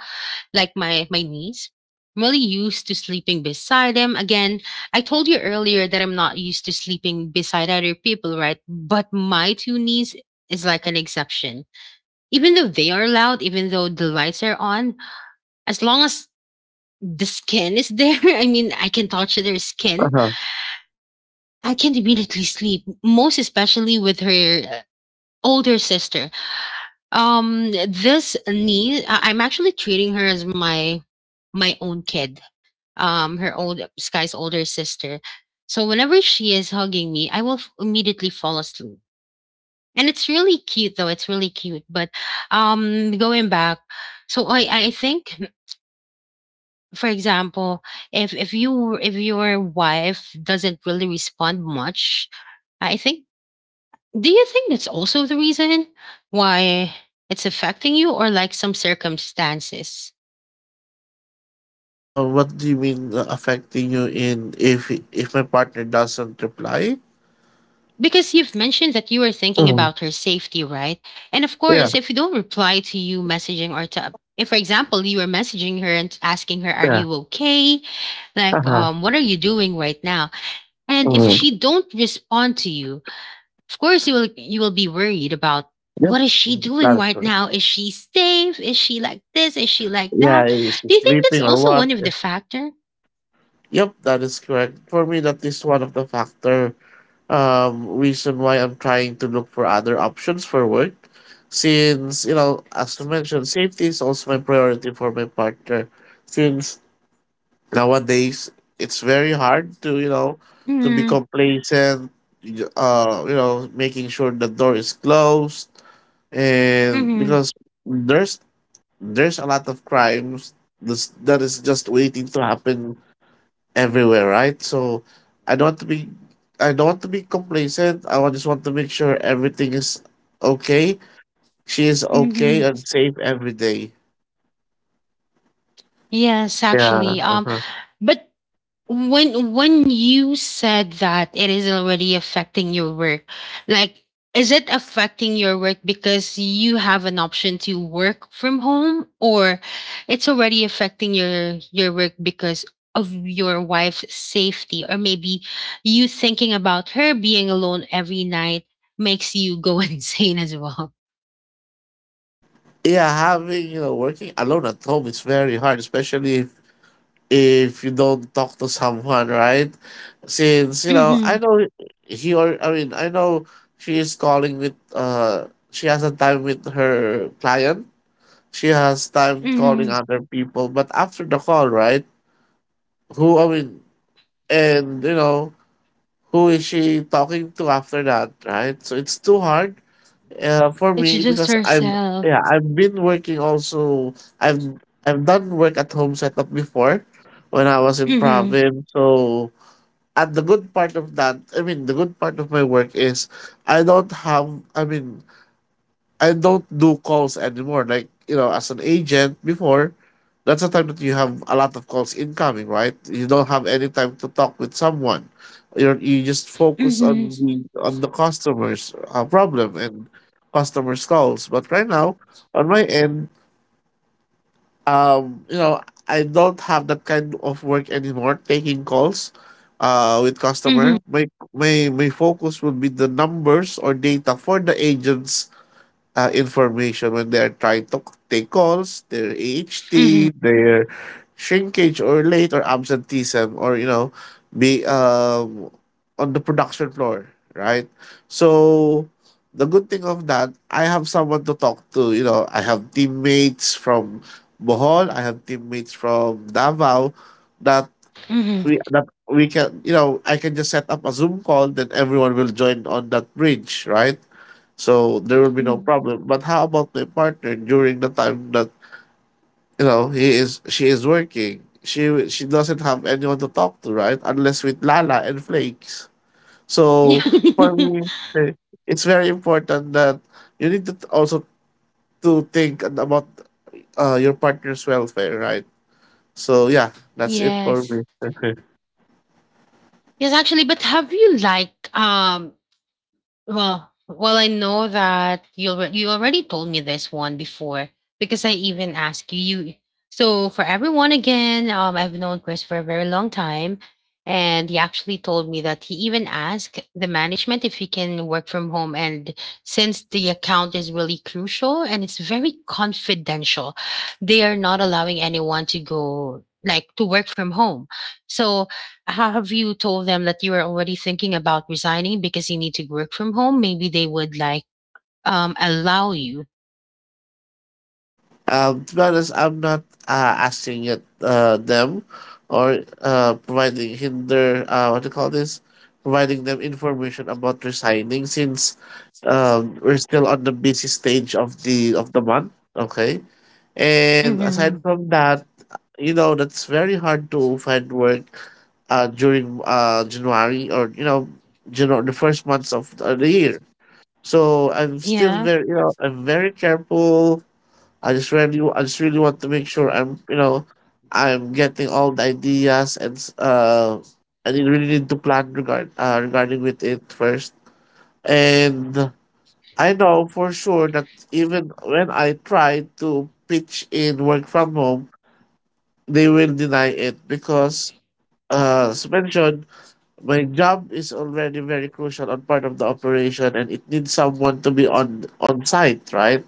Speaker 1: like my niece. I'm really used to sleeping beside him again. I told you earlier that I'm not used to sleeping beside other people, right? But my two knees is like an exception. Even though they are loud, even though the lights are on, as long as the skin is there, I mean I can touch their skin,
Speaker 2: Uh-huh.
Speaker 1: I can't immediately sleep, most especially with her uh, older sister. This niece, I'm actually treating her as my own kid. Her old Sky's older sister. So whenever she is hugging me, immediately fall asleep. And it's really cute, though. It's really cute. But going back, so I think, for example, if your wife doesn't really respond much, I think, do you think that's also the reason why it's affecting you or like some circumstances?
Speaker 2: What do you mean, affecting you, in if my partner doesn't reply?
Speaker 1: Because you've mentioned that you were thinking
Speaker 2: Mm,
Speaker 1: about her safety, right? And of
Speaker 2: yeah,
Speaker 1: course, if you don't reply to you messaging or to, if for example, you were messaging her and asking her, are
Speaker 2: yeah.
Speaker 1: you okay? Like,
Speaker 2: Uh-huh.
Speaker 1: what are you doing right now? And if
Speaker 2: Mm,
Speaker 1: she don't respond to you, of course, you will be worried about
Speaker 2: yep,
Speaker 1: what is she
Speaker 2: mhm,
Speaker 1: doing
Speaker 2: that is
Speaker 1: right
Speaker 2: correct.
Speaker 1: now? Is she safe? Is she like this? Is she like that?
Speaker 2: Yeah, is she
Speaker 1: Do you think that's
Speaker 2: sleeping or
Speaker 1: also
Speaker 2: what?
Speaker 1: one of the factor?
Speaker 2: Yep, that is correct. For me, that is one of the factor, reason why I'm trying to look for other options for work, since, as I mentioned, safety is also my priority for my partner, since nowadays it's very hard to, to be
Speaker 1: Mm-hmm.
Speaker 2: complacent, making sure the door is closed, and
Speaker 1: Mm-hmm.
Speaker 2: because there's there's a lot of crimes, this that is just waiting to happen everywhere, right, so I don't want to be I don't want to be complacent. Just want to make sure everything is okay, she is okay
Speaker 1: Mm-hmm.
Speaker 2: and safe every day.
Speaker 1: Yes,
Speaker 2: Yeah.
Speaker 1: actually.
Speaker 2: Uh-huh.
Speaker 1: But when you said that it is already affecting your work, like is it affecting your work because you have an option to work from home, or it's already affecting your work because of your wife's safety, or maybe you thinking about her being alone every night makes you go insane as well?
Speaker 2: Yeah, having, working alone at home is very hard, especially if you don't talk to someone, right? Since,
Speaker 1: Hmm.
Speaker 2: I know he or I mean, I know she is calling with— she has a time with her client. She has time calling
Speaker 1: Hmm.
Speaker 2: other people, but after the call, right? Who— I mean, and, who is she talking to after that, right? So it's too hard, for
Speaker 1: It's
Speaker 2: me,
Speaker 1: just
Speaker 2: because I'm
Speaker 1: herself.
Speaker 2: yeah, I've been working also. I've done work at home setup before when I was in
Speaker 1: Hmm.
Speaker 2: province, so— and the good part of that, I mean, the good part of my work is, I don't have— I mean, I don't do calls anymore. Like, as an agent before, that's the time that you have a lot of calls incoming, right? You don't have any time to talk with someone. You just focus
Speaker 1: Hmm.
Speaker 2: on the customer's, problem and customer's calls. But right now, on my end, um, you know, I don't have that kind of work anymore, taking calls, with
Speaker 1: Hmm.
Speaker 2: customer. My focus would be the numbers or data for the agents, information when they're trying to take calls, their
Speaker 1: Hmm.
Speaker 2: AHT, their shrinkage or late or absenteeism, or, be on the production floor, right? So the good thing of that, I have someone to talk to. I have teammates from Bohol, I have teammates from Davao, that
Speaker 1: Hmm.
Speaker 2: that we can you know I can just set up a Zoom call, then everyone will join on that bridge, right? So there will be no problem. But how about my partner during the time that, he is she is working? She doesn't have anyone to talk to, right? Unless with Lala and Flakes. So for me, eh, it's very important that you need also to think about, your partner's welfare, right? So yeah, that's it for
Speaker 1: Yes. Yes,
Speaker 2: me.
Speaker 1: actually, but have you like well, I know that you already told me this one before, because I even asked you. So for everyone again, I've known Chris for a very long time, and he actually told me that he even asked the management if he can work from home. And since the account is really crucial and it's very confidential, they are not allowing anyone to go like to work from home. So have you told them that you are already thinking about resigning because you need to work from home? Maybe they would like allow you.
Speaker 2: To be honest, I'm not, asking it, them, or, providing hinder— what do you call this, providing them information about resigning, since, we're still on the busy stage of the month. Okay, and aside
Speaker 1: Hmm.
Speaker 2: from that, you know, that's very hard to find work, during, January, or, the first months of the year. So I'm still
Speaker 1: Yeah.
Speaker 2: very, I'm very careful. I just really want to make sure I'm, I'm getting all the ideas, and really need to plan, regarding with it first. And I know for sure that even when I try to pitch in work from home, they will deny it because, as mentioned, my job is already very crucial on part of the operation, and it needs someone to be on site, right?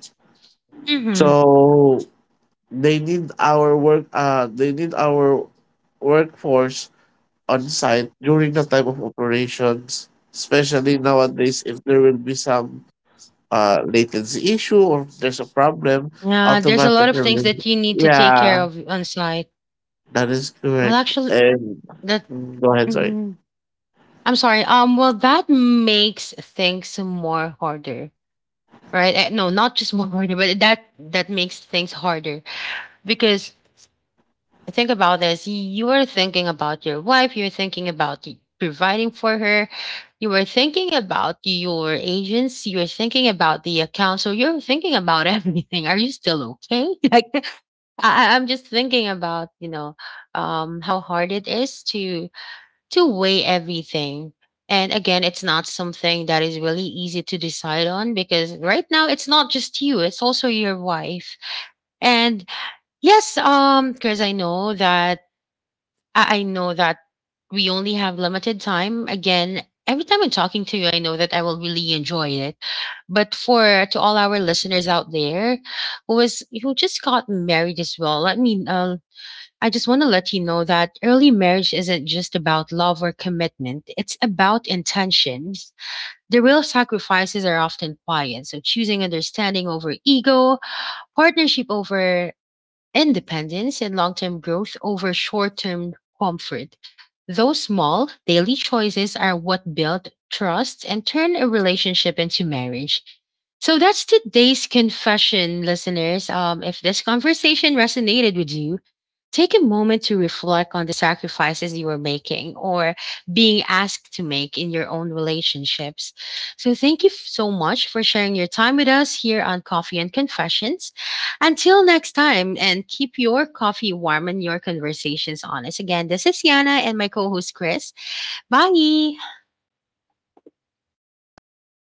Speaker 1: Mm-hmm.
Speaker 2: So they need our work. They need our workforce on site during the time of operations, especially nowadays. If there will be some, latency issue, or if there's a problem,
Speaker 1: There's a lot of
Speaker 2: automatically.
Speaker 1: things that you need to take care
Speaker 2: Yeah,
Speaker 1: of on site.
Speaker 2: that is
Speaker 1: Well,
Speaker 2: correct.
Speaker 1: actually,
Speaker 2: And—
Speaker 1: that
Speaker 2: Go ahead. Sorry.
Speaker 1: mhm. I'm sorry. Well, that makes things more harder, right? Eh, no, not just more harder, but that that makes things harder, because think about this. You are thinking about your wife. You're thinking about providing for her. You were thinking about your agents. You are thinking about the account. So you're thinking about everything. Are you still okay? Like I'm just thinking about how hard it is to weigh everything. And again, it's not something that is really easy to decide on, because right now it's not just you; it's also your wife. And yes, because I know that I know that we only have limited time. Again, every time I'm talking to you, I know that I will really enjoy it. But for to all our listeners out there who is who just got married as well, let me I just want to let you know that early marriage isn't just about love or commitment. It's about intentions. The real sacrifices are often quiet. So choosing understanding over ego, partnership over independence, and long term growth over short term comfort. Those small daily choices are what build trust and turn a relationship into marriage. So that's today's confession, listeners. If this conversation resonated with you, take a moment to reflect on the sacrifices you are making or being asked to make in your own relationships. So thank you so much for sharing your time with us here on Coffee and Confessions. Until next time, and keep your coffee warm and your conversations honest. Again, this is Yana and my co host Chris. Bye.
Speaker 2: Bye, guys.